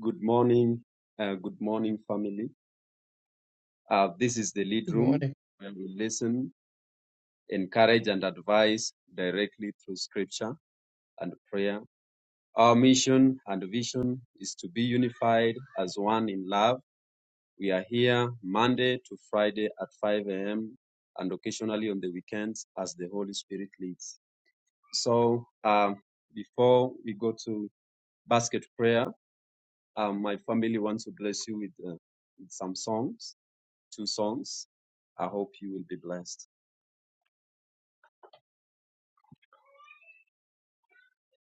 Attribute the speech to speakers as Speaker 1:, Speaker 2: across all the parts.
Speaker 1: Good morning, uh, good morning, family. Uh, this is the lead
Speaker 2: Good
Speaker 1: room
Speaker 2: morning.
Speaker 1: where we listen, encourage, and advise directly through scripture and prayer. Our mission and vision is to be unified as one in love. We are here Monday to Friday at 5 a.m. and occasionally on the weekends as the Holy Spirit leads. So, um, before we go to basket prayer, um, my family wants to bless you with, uh, with some songs. two songs. I hope you will be blessed.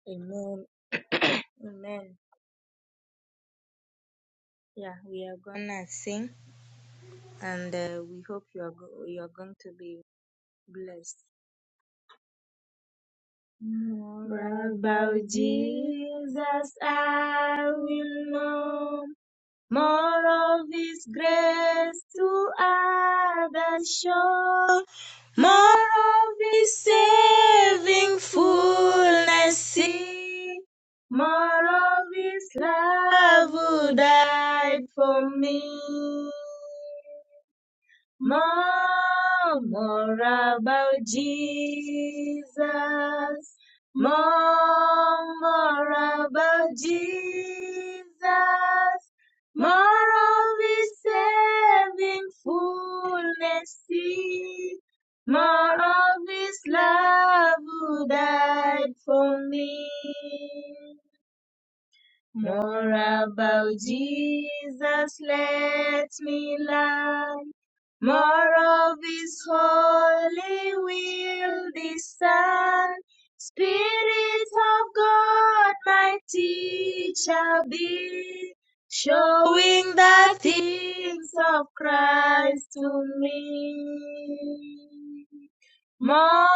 Speaker 1: Amen. Amen. Yeah, we are gonna sing, and uh, we hope you are go- you are going to be blessed. More about Jesus, I will know. More of His grace to others show. More of His saving fullness, see. More of His love who died for me. More, more about Jesus. More, more about Jesus. More of His saving fullness. see. More of His love who died for me. More about Jesus, let me learn. More of His holy will discern. Spirit of God, my teacher be, showing the things of Christ to me. More,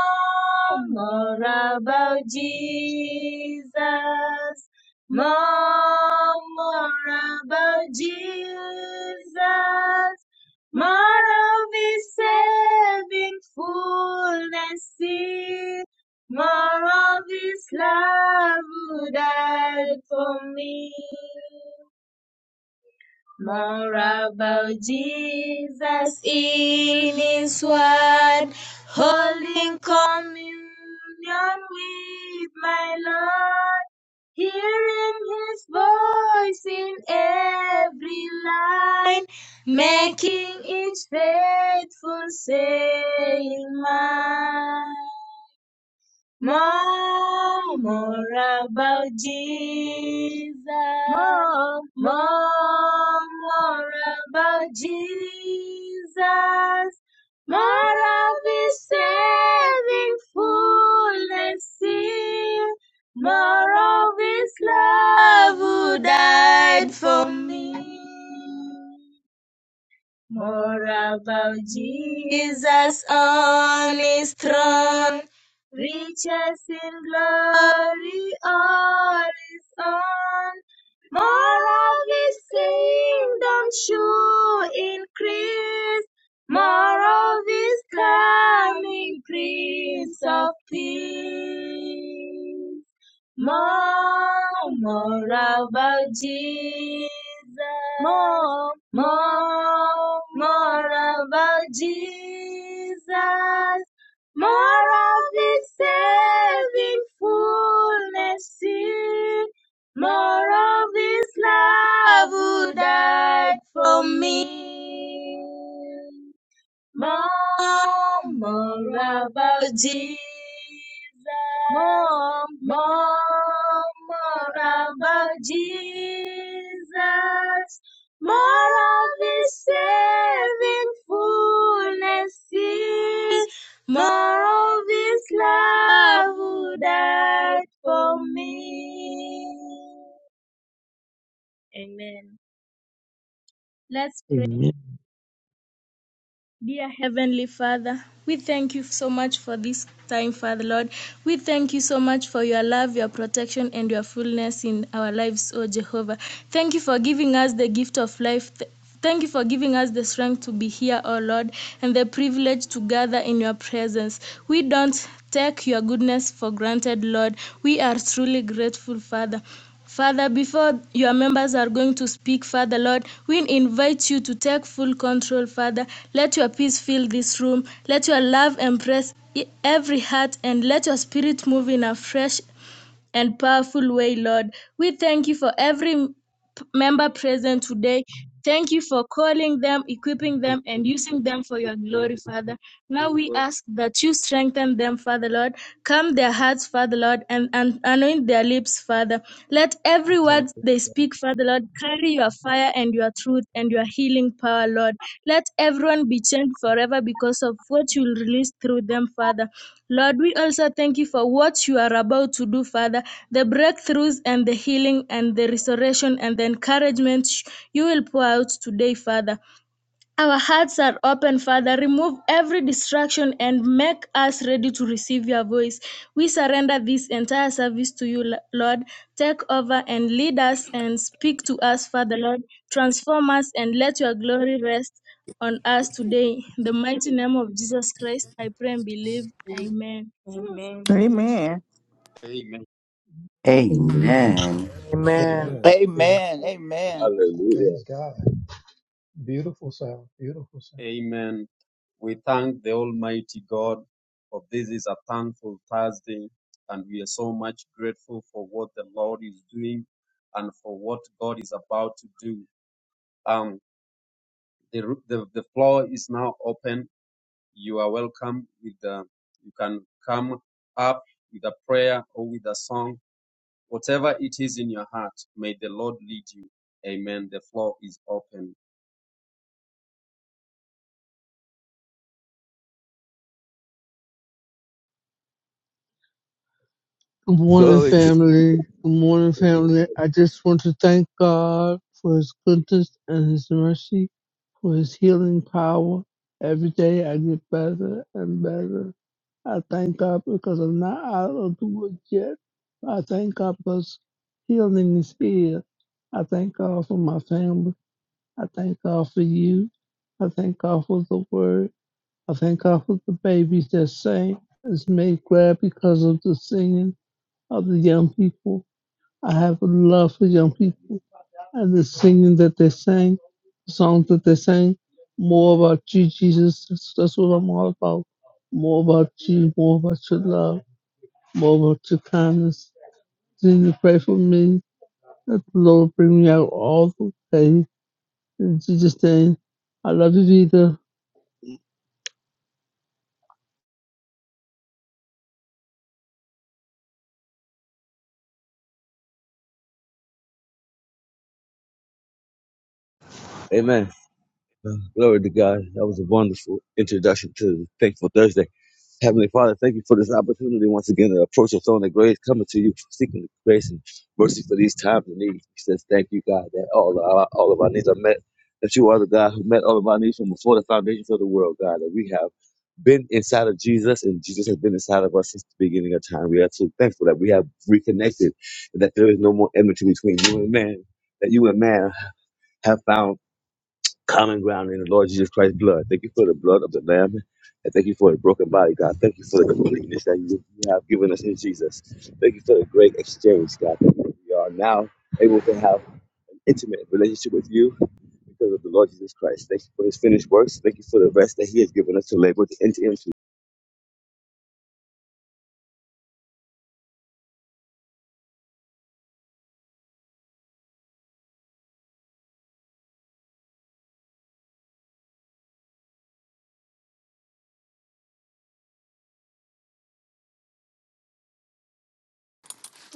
Speaker 1: more about Jesus. More, more about Jesus. My love is saving fullness in. More of his love who died for me. More about Jesus in His Word, holding communion with my Lord, hearing His voice in every line, making each faithful saying mine. More, more about Jesus. More, More, more about Jesus. More of His saving fullness here. More of His love who died for me. More about Jesus on his throne, riches in glory all his own. More of his kingdom should increase, more of his coming, Prince of Peace. More, more about Jesus. More, more, more about Jesus. More of His saving fullness. More of His love who died for me. More, more about Jesus. More, more, more about Jesus. More of His saving fullness is. More of His love who died for me. Amen. Let's
Speaker 3: Amen.
Speaker 1: Dear Heavenly Father, we thank you so much for this time, Father Lord. We thank you so much for your love, your protection, and your fullness in our lives, O Jehovah. Thank you for giving us the gift of life. Th- Thank you for giving us the strength to be here, O Lord, and the privilege to gather in your presence. We don't take your goodness for granted, Lord. We are truly grateful, Father. Father, before your members are going to speak, Father Lord, we invite you to take full control, Father. Let your peace fill this room. Let your love impress e- every heart and let your spirit move in a fresh and powerful way, Lord. We thank you for every m- member present today. Thank you for calling them, equipping them, and using them for your glory, Father. Now we ask that you strengthen them, Father Lord. Calm their hearts, Father Lord, and, and anoint their lips, Father. Let every
Speaker 4: Okay.
Speaker 1: word they speak, Father Lord, carry your fire and your truth and your healing power, Lord. Let everyone be changed forever because of what you release through them, Father. Lord, we also thank you for what you are about to do, Father, the breakthroughs and the healing and the restoration and the encouragement you will pour out today, Father. Our hearts are open, Father. Remove every distraction and make us ready to receive your voice. We surrender this entire service to you, Lord. Take over and lead us and speak to us, Father, Lord. Transform us and let your glory rest on us today. In the mighty name of Jesus Christ, I pray and believe. Amen. Amen.
Speaker 5: Amen.
Speaker 1: Amen.
Speaker 3: Amen.
Speaker 6: Amen.
Speaker 7: Amen.
Speaker 1: Amen.
Speaker 2: Amen. Amen.
Speaker 8: Amen. Amen.
Speaker 9: Hallelujah.
Speaker 2: Praise God. Beautiful sound. Beautiful sound.
Speaker 1: Amen. We thank the Almighty God for this is a thankful Thursday, and we are so much grateful for what the Lord is doing and for what God is about to do. Um, the, the the floor is now open. You are welcome. With the, you can come up with a prayer or with a song, whatever it is in your heart. May the Lord lead you. Amen. The floor is open.
Speaker 10: Good morning,
Speaker 9: Glory to
Speaker 10: family. Good morning, family. I just want to thank God for His goodness and His mercy, for His healing power. Every day I get better and better. I thank God because I'm not out of the woods yet. I thank God because healing is here. I thank God for my family. I thank God for you. I thank God for the word. I thank God for the babies that sing. It's made glad because of the singing of the young people. I have a love for young people and the singing that they sang, the songs that they sang. More about you, Jesus. That's, that's what I'm all about. More about you, more about your love, more about your kindness. Continue to pray for me. That the Lord bring me out all the way. In Jesus' name, I love you, Vita.
Speaker 9: Amen. Uh, Glory to God. That was a wonderful introduction to Thankful Thursday. Heavenly Father, thank you for this opportunity once again to approach the throne of grace, coming to you, seeking grace and mercy for these times of need. He says, Thank you, God, that all, of our, all of our needs are met, that you are the God who met all of our needs from before the foundations of the world, God, that we have been inside of Jesus and Jesus has been inside of us since the beginning of time. We are so thankful that we have reconnected and that there is no more enmity between you and man, that you and man have found common ground in the Lord Jesus Christ's blood. Thank you for the blood of the Lamb. And thank you for the broken body, God. Thank you for the completeness that you have given us in Jesus. Thank you for the great exchange, God. Thank you that we are now able to have intimate relationship with you because of the Lord Jesus Christ. Thank you for his finished works. Thank you for the rest that he has given us to labor to enter into.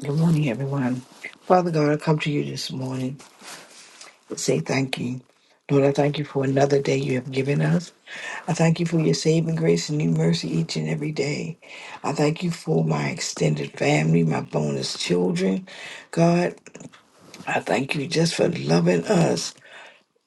Speaker 11: Good morning, everyone. Father God, I come to you this morning to say thank you. Lord, I thank you for another day you have given us. I thank you for your saving grace and new mercy each and every day. I thank you for my extended family, my bonus children. God, I thank you just for loving us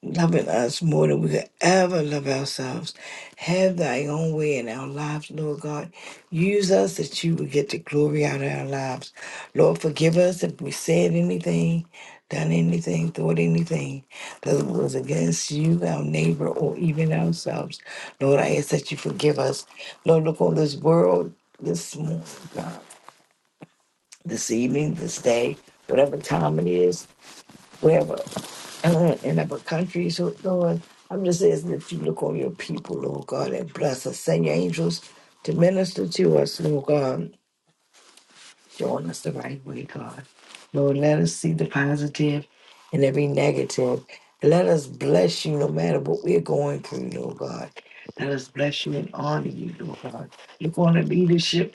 Speaker 11: loving us more than we could ever love ourselves. Have thy own way in our lives, Lord God. Use us that you would get the glory out of our lives. Lord, forgive us if we said anything, done anything, thought anything that was against you, our neighbor, or even ourselves. Lord, I ask that you forgive us. Lord, look on this world this morning, God, this evening, this day, whatever time it is, wherever uh, in other countries, oh Lord. I'm just asking that you look on your people, Lord God, and bless us. Send your angels to minister to us, Lord God. Showing us the right way, God. Lord, let us see the positive in every negative. Let us bless you no matter what we're going through, Lord God. Let us bless you and honor you, Lord God. Look on the leadership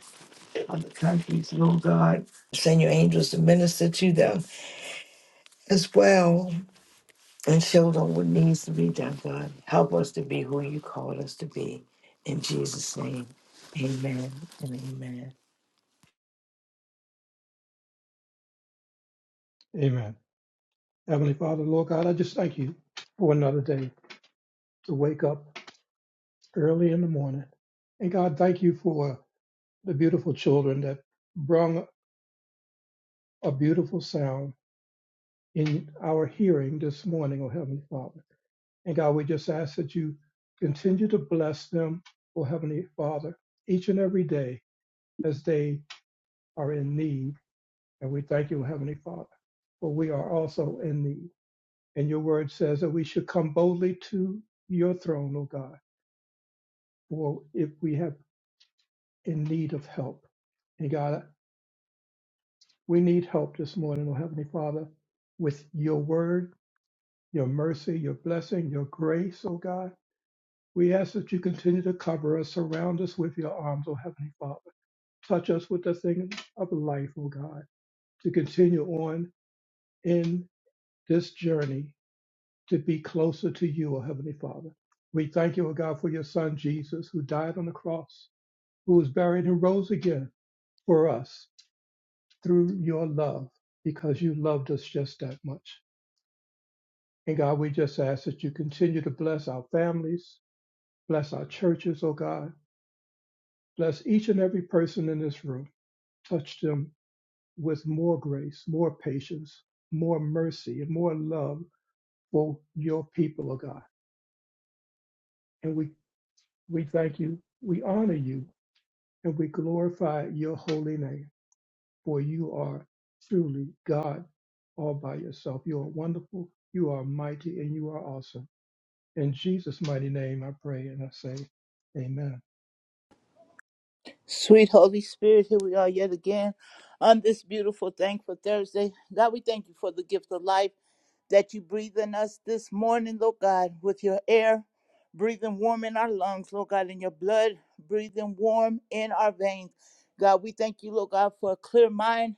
Speaker 11: of the countries, Lord God. Send your angels to minister to them as well. and show them what needs to be done, God. Help us to be who you called us to be. In Jesus' name, amen and amen.
Speaker 2: Amen. Heavenly Father, Lord God, I just thank you for another day to wake up early in the morning. And God, thank you for the beautiful children that brung a beautiful sound in our hearing this morning, oh Heavenly Father. And God, we just ask that you continue to bless them, oh Heavenly Father, each and every day as they are in need And we thank you, Heavenly Father, for we are also in need. And your word says that we should come boldly to your throne, O God, for if we have in need of help. And God, we need help this morning, O Heavenly Father, with your word, your mercy, your blessing, your grace, O God. We ask that you continue to cover us, surround us with your arms, O Heavenly Father. Touch us with the thing of life, O God, to continue on in this journey to be closer to you, O Heavenly Father. We thank you, O God, for your Son Jesus, who died on the cross, who was buried and rose again for us through your love, because you loved us just that much. And God, we just ask that you continue to bless our families, bless our churches, O God. Bless each and every person in this room. Touch them with more grace, more patience, more mercy, and more love for your people, O God. And we, we thank you. We honor you and we glorify your holy name, for you are truly God all by yourself. You are wonderful, you are mighty, and you are awesome. In Jesus' mighty name, I pray and I say, Amen.
Speaker 8: Sweet Holy Spirit, here we are yet again on this beautiful, thankful Thursday. God, we thank you for the gift of life that you breathe in us this morning, Lord God, with your air breathing warm in our lungs, Lord God, in your blood breathing warm in our veins. God, we thank you, Lord God, for a clear mind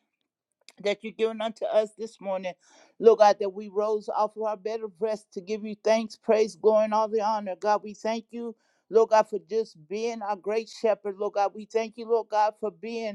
Speaker 8: that you've given unto us this morning. Lord God, that we rose off of our bed of rest to give you thanks, praise, glory, and all the honor. God, we thank you, Lord God, for just being our great shepherd. Lord God, we thank you, Lord God, for being.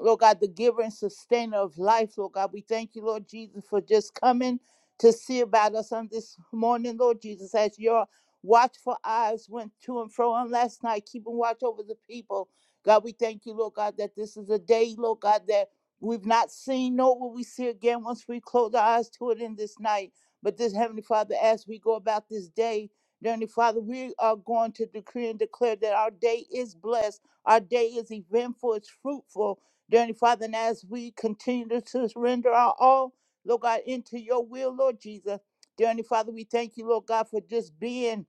Speaker 8: Lord God, the giver and sustainer of life, Lord God. We thank you, Lord Jesus, for just coming to see about us on this morning, Lord Jesus, as your watchful eyes went to and fro on last night, keeping watch over the people. God, we thank you, Lord God, that this is a day, Lord God, that we've not seen, nor will we see again once we close our eyes to it in this night. But this Heavenly Father, as we go about this day, Heavenly Father, we are going to decree and declare that our day is blessed, our day is eventful, it's fruitful, Dear Heavenly Father, and as we continue to surrender our all, Lord God, into your will, Lord Jesus. Dear Heavenly Father, we thank you, Lord God, for just being.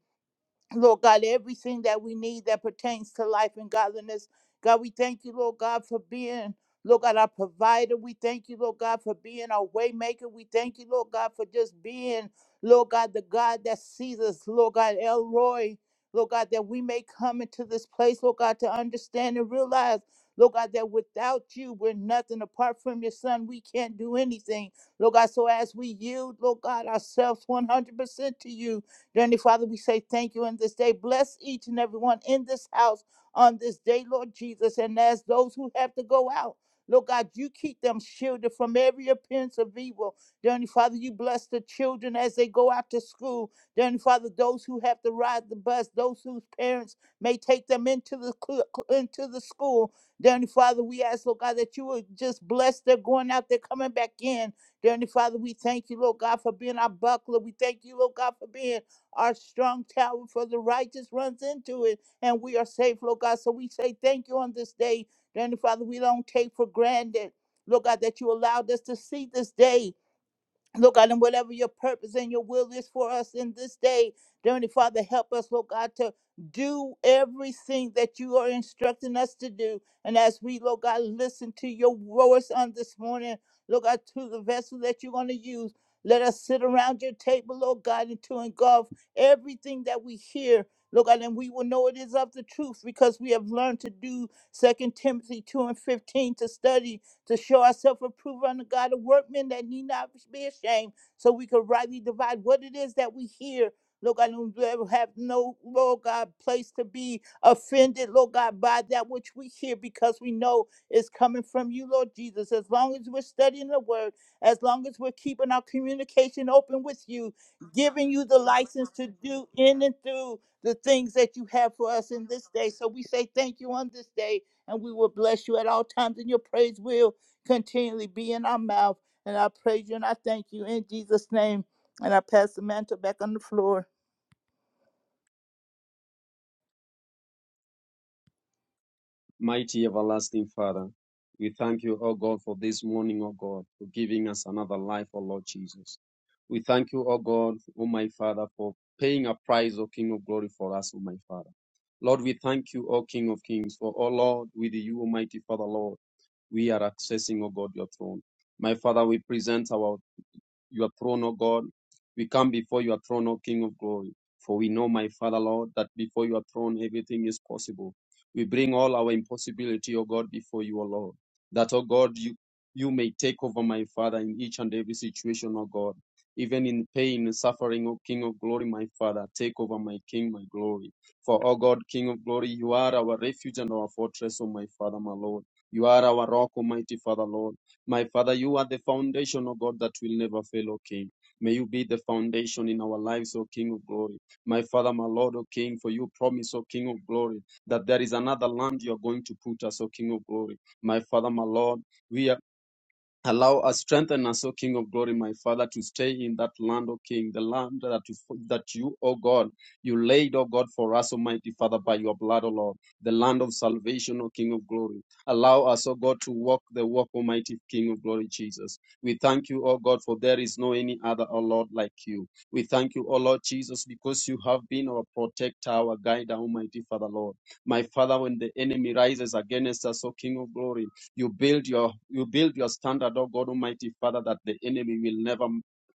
Speaker 8: Lord God, everything that we need that pertains to life and godliness. God, we thank you, Lord God, for being, Lord God, our provider. We thank you, Lord God, for being our waymaker. We thank you, Lord God, for just being, Lord God, the God that sees us, Lord God, Elroy. Lord God, that we may come into this place, Lord God, to understand and realize, Lord God, that without you, we're nothing. Apart from your son, we can't do anything. Lord God, so as we yield, Lord God, ourselves 100% to you, Dearly Father, we say thank you in this day. Bless each and everyone in this house on this day, Lord Jesus. And as those who have to go out, Lord God, you keep them shielded from every appearance of evil. Dearly Father, you bless the children as they go out to school. Dearly Father, those who have to ride the bus, those whose parents may take them into the cl- cl- into the school. Dearly Father, we ask, Lord God, that you would just bless their going out, they're coming back in. Dearly Father, we thank you, Lord God, for being our buckler. We thank you, Lord God, for being our strong tower for the righteous runs into it, and we are safe, Lord God. So we say thank you on this day. Dear Heavenly Father, we don't take for granted, Lord God, that you allowed us to see this day. Lord God, and whatever your purpose and your will is for us in this day, dear Heavenly Father, help us, Lord God, to do everything that you are instructing us to do. And as we, Lord God, listen to your voice on this morning, Lord God, to the vessel that you're going to use, let us sit around your table, Lord God, and to engulf everything that we hear. Lord God, and we will know it is of the truth because we have learned to do Second Timothy 2 and 15 to study to show ourselves approved unto God, a workman that need not be ashamed, so we can rightly divide what it is that we hear. Lord God, and we have no, Lord God, place to be offended, Lord God, by that which we hear because we know it's coming from you, Lord Jesus. As long as we're studying the word, as long as we're keeping our communication open with you, giving you the license to do in and through the things that you have for us in this day. So we say thank you on this day, and we will bless you at all times, and your praise will continually be in our mouth. And I praise you and I thank you in Jesus' name. And I pass the mantle back on the floor.
Speaker 1: Mighty everlasting Father, we thank you, O God, for this morning, O God, for giving us another life, O Lord Jesus. We thank you, O God, O my Father, for paying a price, O King of glory, for us, O my Father. Lord, we thank you, O King of kings, for, O Lord, with you, Almighty Father, Lord, we are accessing, O God, your throne. My Father, we present our your throne, O God. We come before your throne, O King of glory. For we know, my Father, Lord, that before your throne everything is possible. We bring all our impossibility, O God, before you, O Lord. That, O God, you, you may take over, my Father, in each and every situation, O God. Even in pain, and suffering, O King of glory, my Father, take over, my King, my glory. For, O God, King of glory, you are our refuge and our fortress, O my Father, my Lord. You are our rock, Almighty Father, Lord. My Father, you are the foundation, O God, that will never fail, O King. May you be the foundation in our lives, O King of glory. My Father, my Lord, O King, for you promise, O King of glory, that there is another land you are going to put us, O King of glory. My Father, my Lord, we are. Allow us, strengthen us, O King of glory, my Father, to stay in that land, O King, the land that you, that you, O God, you laid, O God, for us, Almighty Father, by your blood, O Lord, the land of salvation, O King of glory. Allow us, O God, to walk the walk, Almighty King of glory, Jesus. We thank you, O God, for there is no any other, O Lord, like you. We thank you, O Lord Jesus, because you have been our protector, our guide, Almighty Father, Lord. My Father, when the enemy rises against us, O King of glory, you build your you build your standard, oh God Almighty Father, that the enemy will never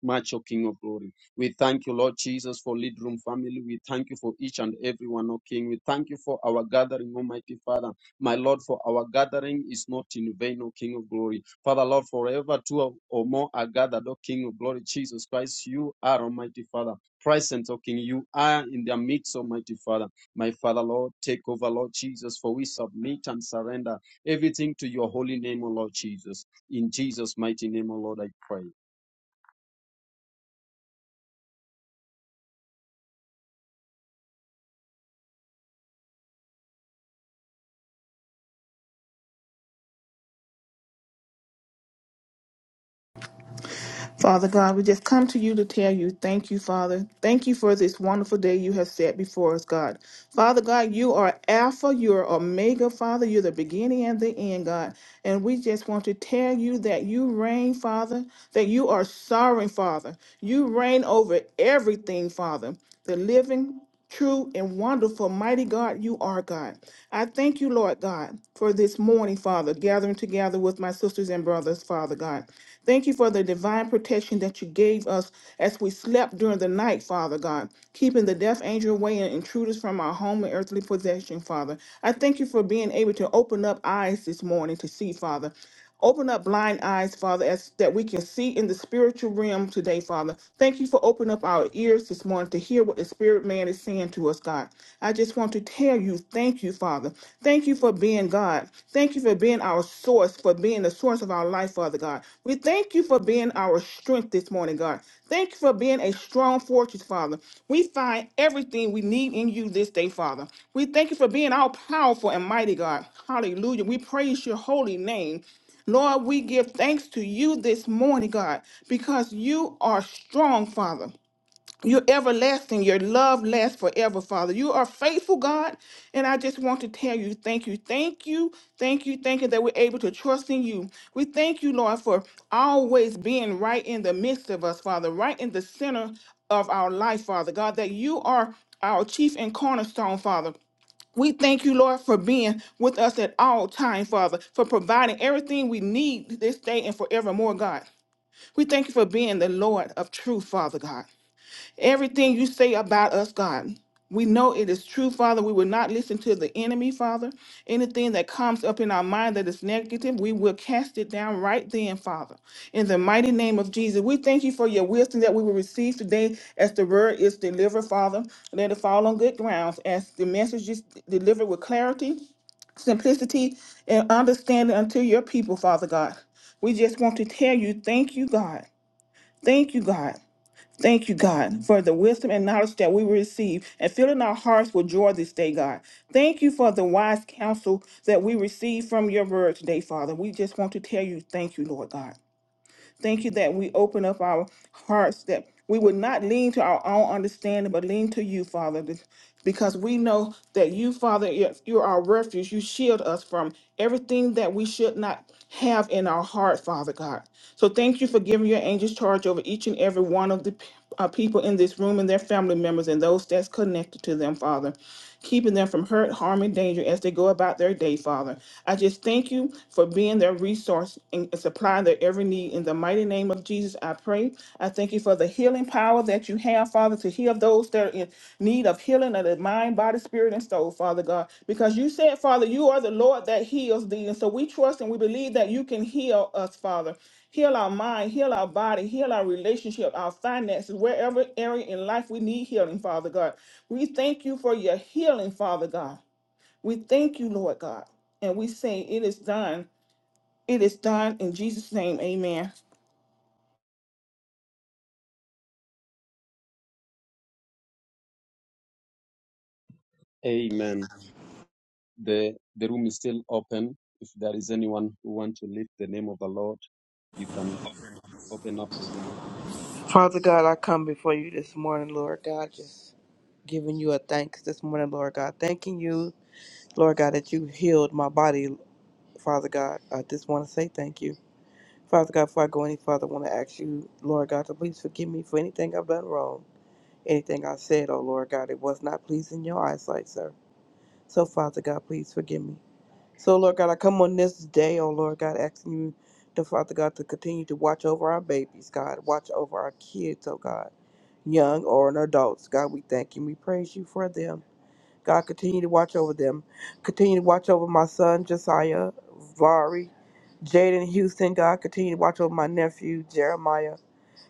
Speaker 1: match O King of Glory. We thank you, Lord Jesus, for Lead Room family. We thank you for each and every one, O King. We thank you for our gathering, Almighty Father. My Lord, for our gathering is not in vain, O King of Glory. Father, Lord, forever two or more are gathered, O King of Glory, Jesus Christ, you are Almighty Father. Present, O King, you are in their midst, Almighty Father. My Father, Lord, take over, Lord Jesus, for we submit and surrender everything to your holy name, O Lord Jesus. In Jesus' mighty name, O Lord, I pray.
Speaker 5: Father God, we just come to you to tell you thank you, Father. Thank you for this wonderful day you have set before us, God. Father God, you are Alpha, you are Omega, Father. You're the beginning and the end, God. And we just want to tell you that you reign, Father, that you are sovereign, Father. You reign over everything, Father. The living, true and wonderful, mighty God, you are God. I thank you, Lord God, for this morning, Father, gathering together with my sisters and brothers, Father God. Thank you for the divine protection that you gave us as we slept during the night, Father God, keeping the death angel away and intruders from our home and earthly possession, Father. I thank you for being able to open up eyes this morning to see, Father. Open up blind eyes, Father, as that we can see in the spiritual realm today, Father. Thank you for opening up our ears this morning to hear what the spirit man is saying to us, God. I just want to tell you, thank you, Father. Thank you for being God. Thank you for being our source, for being the source of our life, Father God. We thank you for being our strength this morning, God. Thank you for being a strong fortress, Father. We find everything we need in you this day, Father. We thank you for being all powerful and mighty, God. Hallelujah. We praise your holy name. Lord, we give thanks to you this morning, God, because you are strong, Father. You're everlasting. Your love lasts forever, Father. You are faithful, God. And I just want to tell you, thank you, thank you, thank you, thank you that we're able to trust in you. We thank you, Lord, for always being right in the midst of us, Father, right in the center of our life, Father, God, that you are our chief and cornerstone, Father. We thank you, Lord, for being with us at all times, Father, for providing everything we need this day and forevermore, God. We thank you for being the Lord of truth, Father God. Everything you say about us, God. We know it is true, Father. We will not listen to the enemy, Father. Anything that comes up in our mind that is negative, we will cast it down right then, Father. In the mighty name of Jesus, we thank you for your wisdom that we will receive today as the word is delivered, Father. Let it fall on good grounds as the message is delivered with clarity, simplicity, and understanding unto your people, Father God. We just want to tell you, thank you, God. Thank you, God. Thank you, God, for the wisdom and knowledge that we receive and filling our hearts with joy this day, God. Thank you for the wise counsel that we receive from your word today, Father. We just want to tell you, thank you, Lord God. Thank you that we open up our hearts, that we would not lean to our own understanding, but lean to you, Father, be- because we know that you, Father, you're you're our refuge. You shield us from everything that we should not have in our heart, Father God. So thank you for giving your angels charge over each and every one of the p- uh, people in this room and their family members and those that's connected to them, Father keeping them from hurt, harm, and danger as they go about their day, Father. I just thank you for being their resource and supplying their every need. In the mighty name of Jesus, I pray. I thank you for the healing power that you have, Father, to heal those that are in need of healing of the mind, body, spirit, and soul, Father God. Because you said, Father, you are the Lord that heals thee. And so we trust and we believe that you can heal us, Father. Heal our mind, heal our body, heal our relationship, our finances, wherever area in life we need healing, Father God. We thank you for your healing, Father God. We thank you, Lord God. And we say, It is done. It is done in Jesus' name. Amen.
Speaker 1: Amen. The the room is still open. If there is anyone who wants to lift the name of the Lord, you can open up your mouth.
Speaker 7: Father God, I come before you this morning, Lord God, just giving you a thanks this morning, Lord God. Thanking you, Lord God, that you healed my body, Father God. I just want to say thank you. Father God, before I go any further, I want to ask you, Lord God, to please forgive me for anything I've done wrong, anything I said, oh Lord God, it was not pleasing your eyesight, sir. So, Father God, please forgive me. So, Lord God, I come on this day, oh Lord God, asking you, the Father God, to continue to watch over our babies, God, watch over our kids, oh God, young or an adults. God, we thank you and we praise you for them. God, continue to watch over them. Continue to watch over my son, Josiah, Vari, Jaden Houston. God, continue to watch over my nephew, Jeremiah.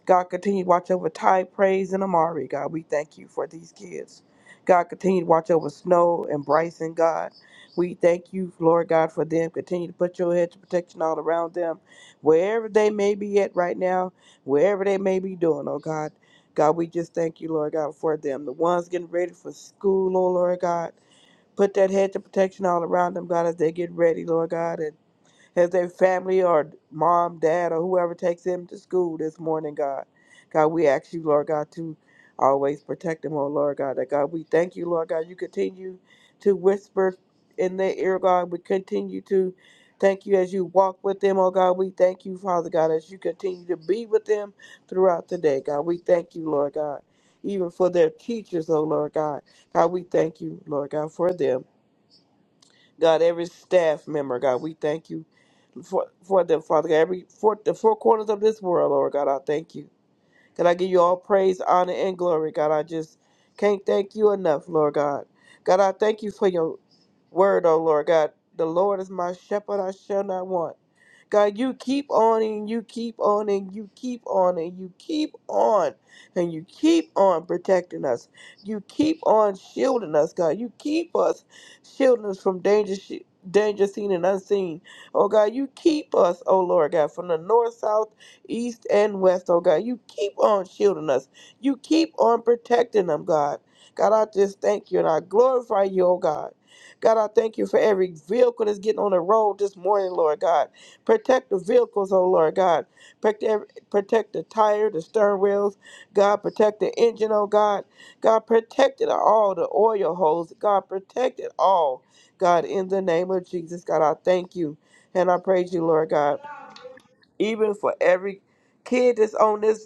Speaker 7: God, continue to watch over Ty, Praise, and Amari, God. We thank you for these kids. God, continue to watch over Snow and Bryson, God. We thank you, Lord God, for them. Continue to put your hedge of protection all around them, wherever they may be at right now, wherever they may be doing, oh God. God, we just thank you, Lord God, for them. The ones getting ready for school, oh Lord God. Put that hedge of protection all around them, God, as they get ready, Lord God. and. As their family or mom, dad, or whoever takes them to school this morning, God. God, we ask you, Lord God, to always protect them, oh Lord God. That God, we thank you, Lord God. You continue to whisper in their ear, God. We continue to thank you as you walk with them, oh God. We thank you, Father God, as you continue to be with them throughout the day, God. We thank you, Lord God. Even for their teachers, oh Lord God. God, we thank you, Lord God, for them. God, every staff member, God, we thank you for, for them, Father God. Every for the four corners of this world, Lord God, I thank you. God, I give you all praise, honor, and glory. God, I just can't thank you enough, Lord God. God, I thank you for your word, oh Lord God. The Lord is my shepherd, I shall not want. God, you keep on and you keep on and you keep on and you keep on and you keep on protecting us. You keep on shielding us, God. You keep us shielding us from danger, sh- danger seen and unseen. Oh God, you keep us, oh Lord God, from the north, south, east, and west. Oh God, you keep on shielding us. You keep on protecting them, God. God, I just thank you and I glorify you, oh God. God, I thank you for every vehicle that's getting on the road this morning, Lord God. Protect the vehicles, oh Lord God. Protect, every, protect the tire, the stern wheels. God, protect the engine, oh God. God, protect it all, the oil holes. God, protect it all. God, in the name of Jesus, God, I thank you and I praise you, Lord God. Even for every kid that's on this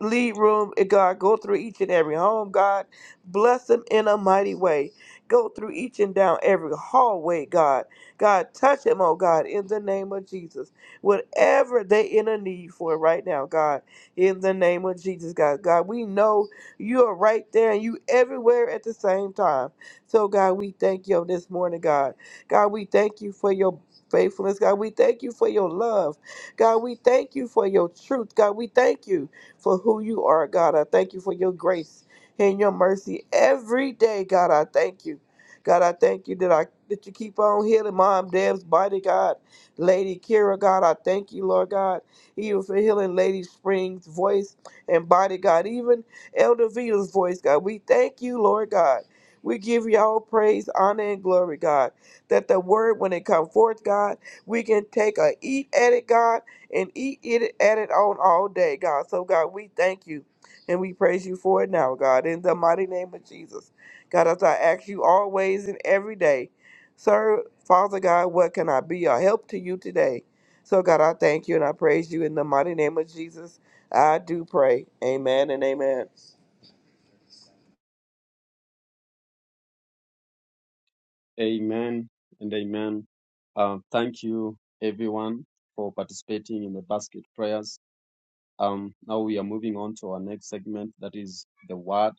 Speaker 7: lead room, and God. Go through each and every home, God. Bless them in a mighty way. Go through each and down every hallway, God. God, touch them, oh God, in the name of Jesus. Whatever they in a need for right now, God, in the name of Jesus, God. God, we know you are right there and you everywhere at the same time. So, God, we thank you on this morning, God. God, we thank you for your faithfulness. God, we thank you for your love. God, we thank you for your truth. God, we thank you for who you are, God. I thank you for your grace and your mercy every day, God. I thank you. God, I thank you that I that you keep on healing Mom Deb's body, God. Lady Kira, God, I thank you, Lord God, even for healing Lady Spring's voice and body, God. Even Elder Vita's voice, God. We thank you, Lord God. We give you all praise, honor, and glory, God. That the word, when it comes forth, God, we can take a eat at it, God and eat it at it on all day, God. So, God, we thank you and we praise you for it now, God, in the mighty name of Jesus. God, as I ask you always and every day, sir, Father God, what can I be a help to you today? So, God, I thank you and I praise you in the mighty name of Jesus. I do pray. Amen and amen.
Speaker 1: Amen and amen. Uh, thank you everyone for participating in the basket prayers. Um, now we are moving on to our next segment, that is the word.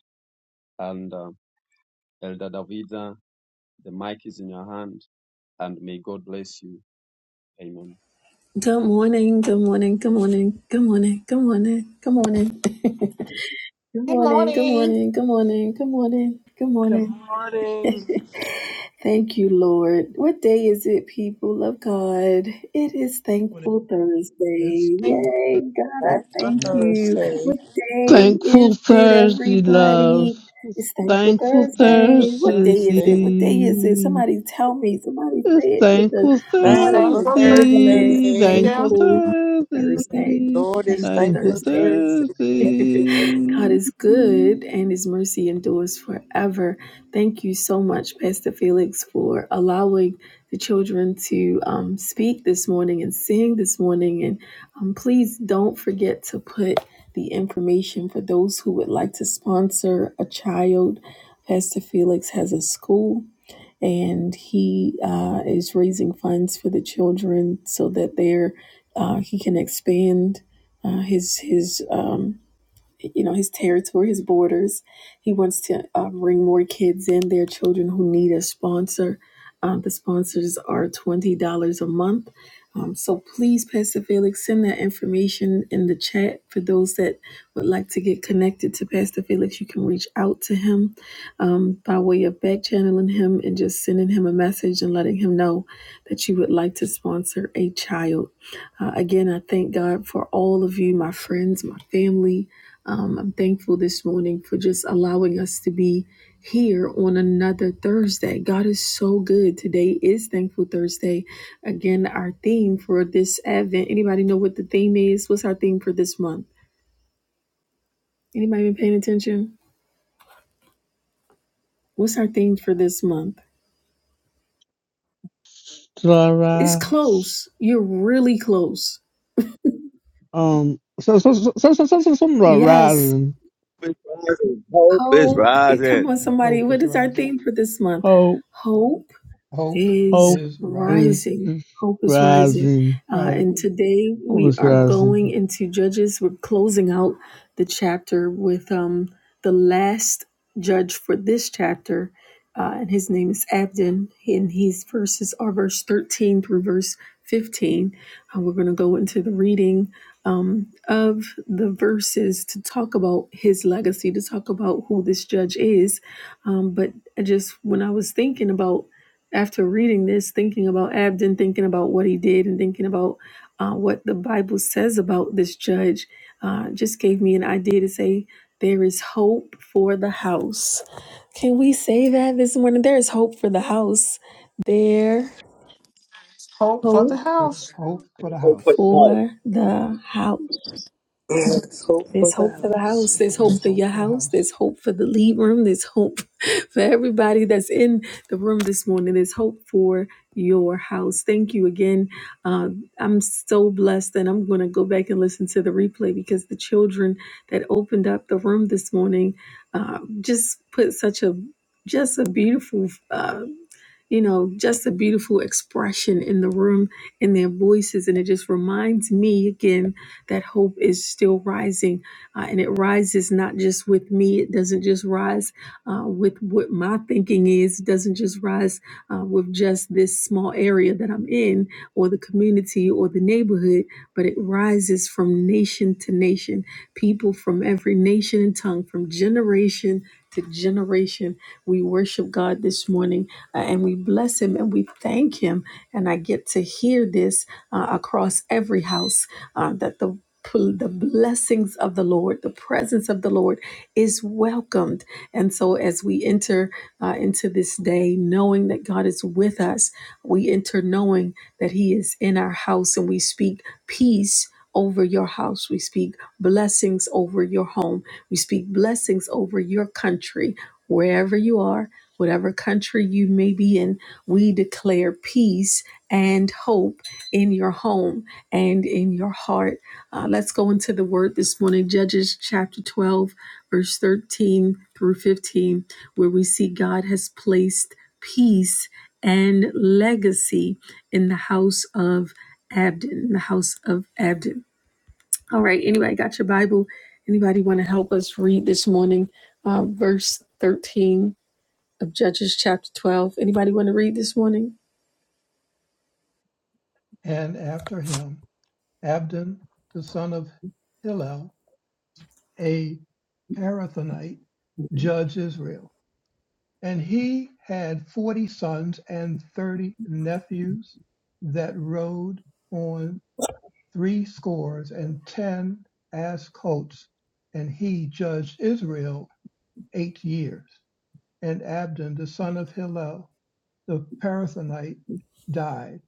Speaker 1: And uh, Elder Davida, the mic is in your hand, and may God bless you. Amen.
Speaker 12: Good morning, good morning, good morning, good morning, good morning, good morning. Good
Speaker 5: Good
Speaker 12: morning, good
Speaker 5: morning.
Speaker 12: morning, good morning, good morning, good
Speaker 7: Good
Speaker 12: morning,
Speaker 7: morning.
Speaker 12: Thank you, Lord. What day is it, people of God? It is Thankful
Speaker 2: Yes.
Speaker 12: Thursday.
Speaker 5: i
Speaker 2: Well,
Speaker 12: Yay, God, I
Speaker 13: Thankful
Speaker 12: thank you.
Speaker 13: Thursday.
Speaker 12: What day
Speaker 10: Thankful
Speaker 12: is it,
Speaker 10: Thursday, love.
Speaker 12: everybody?
Speaker 10: It's
Speaker 12: It's Thankful
Speaker 10: Thankful
Speaker 13: Thankful
Speaker 12: Thursday. What
Speaker 10: Thursday.
Speaker 12: day is
Speaker 13: Thursday.
Speaker 12: it? What day is it? Somebody tell me. Somebody
Speaker 10: It's
Speaker 12: say it with a
Speaker 10: thankful
Speaker 12: heart of
Speaker 13: Thankful
Speaker 5: thankful
Speaker 6: Thank
Speaker 5: for
Speaker 12: thanksgiving. It is
Speaker 10: Thursday,
Speaker 13: Thursday.
Speaker 10: thankful
Speaker 5: you.
Speaker 6: you.
Speaker 12: Thankful Thursday.
Speaker 10: Thursday,
Speaker 13: Lord is
Speaker 12: Thankful
Speaker 10: thankful
Speaker 13: thankful
Speaker 12: Thursday.
Speaker 13: Thursday. Thank you.
Speaker 12: God
Speaker 10: Thursday.
Speaker 12: is good and his mercy endures forever. Thank you so much, Pastor Felix, for allowing the children to um, speak this morning and sing this morning. And um, please don't forget to put the information for those who would like to sponsor a child. Pastor Felix has a school and he uh, is raising funds for the children so that they're, uh, he can expand uh, his, his, um, you know his territory, his borders. He wants to uh, bring more kids in. There are children who need a sponsor. Um, the sponsors are twenty dollars a month. Um, so please, Pastor Felix, send that information in the chat for those that would like to get connected to Pastor Felix. You can reach out to him um, by way of back channeling him and just sending him a message and letting him know that you would like to sponsor a child. Uh, again, I thank God for all of you, my friends, my family um, I'm thankful this morning for just allowing us to be here on another Thursday. God is so good. Today is Thankful Thursday. Again, our theme for this Advent. Anybody know what the theme is? What's our theme for this month? Anybody been paying attention? What's our theme for this month?
Speaker 10: Till
Speaker 12: It's
Speaker 10: rise.
Speaker 12: close. You're really close.
Speaker 10: Um, so, so, so, so, so, so, so, something about
Speaker 12: Yes.
Speaker 10: rising.
Speaker 9: Hope is
Speaker 12: Hope. Come
Speaker 9: rising.
Speaker 12: on, somebody.
Speaker 2: Hope
Speaker 12: What
Speaker 2: is
Speaker 12: is our
Speaker 2: rising.
Speaker 12: theme for this month?
Speaker 10: Hope,
Speaker 12: Hope
Speaker 2: Hope
Speaker 12: is
Speaker 10: hope
Speaker 2: is
Speaker 10: is
Speaker 2: rising.
Speaker 12: rising.
Speaker 10: is
Speaker 12: Hope is rising.
Speaker 10: rising,
Speaker 12: Uh,
Speaker 10: right?
Speaker 12: and today
Speaker 10: Hope
Speaker 12: we
Speaker 10: is
Speaker 12: are going
Speaker 10: rising.
Speaker 12: into Judges. We're closing out the chapter with um, the last judge for this chapter. Uh, and his name is Abdon. And his verses are verse 13 through verse 15. Uh, we're going to go into the reading um, of the verses to talk about his legacy, to talk about who this judge is. Um, but I just, when I was thinking about after reading this, thinking about Abden, thinking about what he did, and thinking about uh, what the Bible says about this judge, uh, just gave me an idea to say, There is hope for the house. Can we say that this morning? There is hope for the house. There
Speaker 5: Hope for the
Speaker 12: hope
Speaker 2: There's
Speaker 5: house.
Speaker 2: hope for the
Speaker 9: Hope is
Speaker 2: house.
Speaker 9: rising.
Speaker 12: for the house.
Speaker 7: Yes, hope for
Speaker 12: There's
Speaker 7: the
Speaker 12: hope for the
Speaker 7: house.
Speaker 12: house. There's hope
Speaker 2: There's
Speaker 12: for
Speaker 2: hope
Speaker 12: your
Speaker 2: for the
Speaker 12: house. There's
Speaker 2: house.
Speaker 12: hope for the lead room. There's hope for everybody that's in the room this morning. There's hope for your house. Thank you again. Uh, I'm so blessed, and I'm going to go back and listen to the replay because the children that opened up the room this morning uh, just put such a just a beautiful. Uh, you know, just a beautiful expression in the room, in their voices. And it just reminds me again that hope is still rising uh, and it rises not just with me, it doesn't just rise uh, with what my thinking is, it doesn't just rise uh, with just this small area that I'm in or the community or the neighborhood, but it rises from nation to nation, people from every nation and tongue, from generation to generation. We worship God this morning uh, and we bless Him and we thank Him. And I get to hear this uh, across every house uh, that the pl- the blessings of the Lord, the presence of the Lord is welcomed. And so, as we enter uh, into this day, knowing that God is with us, we enter knowing that He is in our house and we speak peace. Over your house. We speak blessings over your home. We speak blessings over your country, wherever you are, whatever country you may be in. We declare peace and hope in your home and in your heart. Uh, let's go into the word this morning, Judges chapter 12, verse 13 through 15, where we see God has placed peace and legacy in the house of Abdon. in the house of Abdon. All right, anyway, I got your Bible. Anybody want to help us read this morning, uh, verse 13 of Judges chapter 12? Anybody want to read this morning?
Speaker 2: And after him, Abdon, the son of Hillel, a Parathonite, judged Israel. And he had forty sons and thirty nephews that rode on three scores and ten ass colts. And he judged Israel eight years. And Abdon, the son of Hillel, the Parathonite, died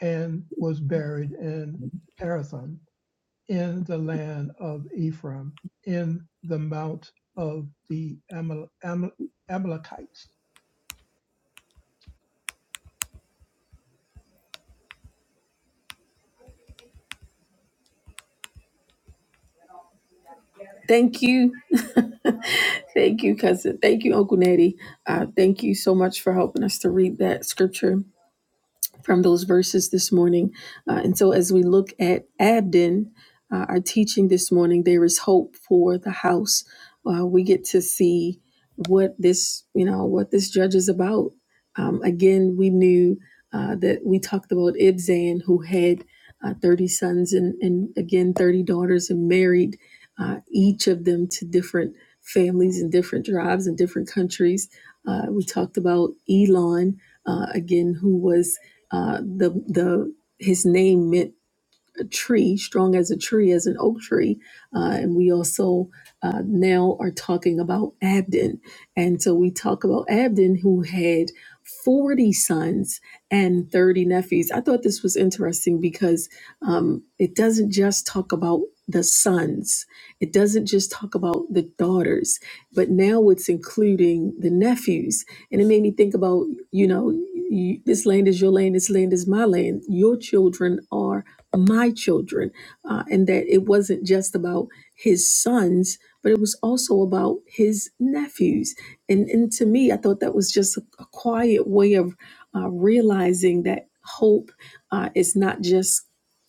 Speaker 2: and was buried in Parathon in the land of Ephraim in the mount of the Amal- Amal- Amalekites
Speaker 12: Thank you. Thank you, cousin. Thank you, Uncle Natty. Uh, thank you so much for helping us to read that scripture from those verses this morning. Uh, and so, as we look at Abden, uh, our teaching this morning, there is hope for the house. Uh, we get to see what this, you know, what this judge is about. Um, again, we knew uh, that we talked about Ibzan, who had uh, 30 sons and, and again 30 daughters, and married uh, each of them to different families and different tribes and different countries. Uh, we talked about Elon, uh, again, who was uh, the the his name meant a tree, strong as a tree, as an oak tree. Uh, and we also uh, now are talking about Abdon. And so we talk about Abdon, who had 40 sons and 30 nephews. I thought this was interesting because um, it doesn't just talk about the sons, it doesn't just talk about the daughters, but now it's including the nephews. And it made me think about, you know, you, this land is your land, this land is my land. Your children are my children, uh, and that it wasn't just about his sons, but it was also about his nephews. And, and to me, I thought that was just a, a quiet way of uh, realizing that hope uh, is not just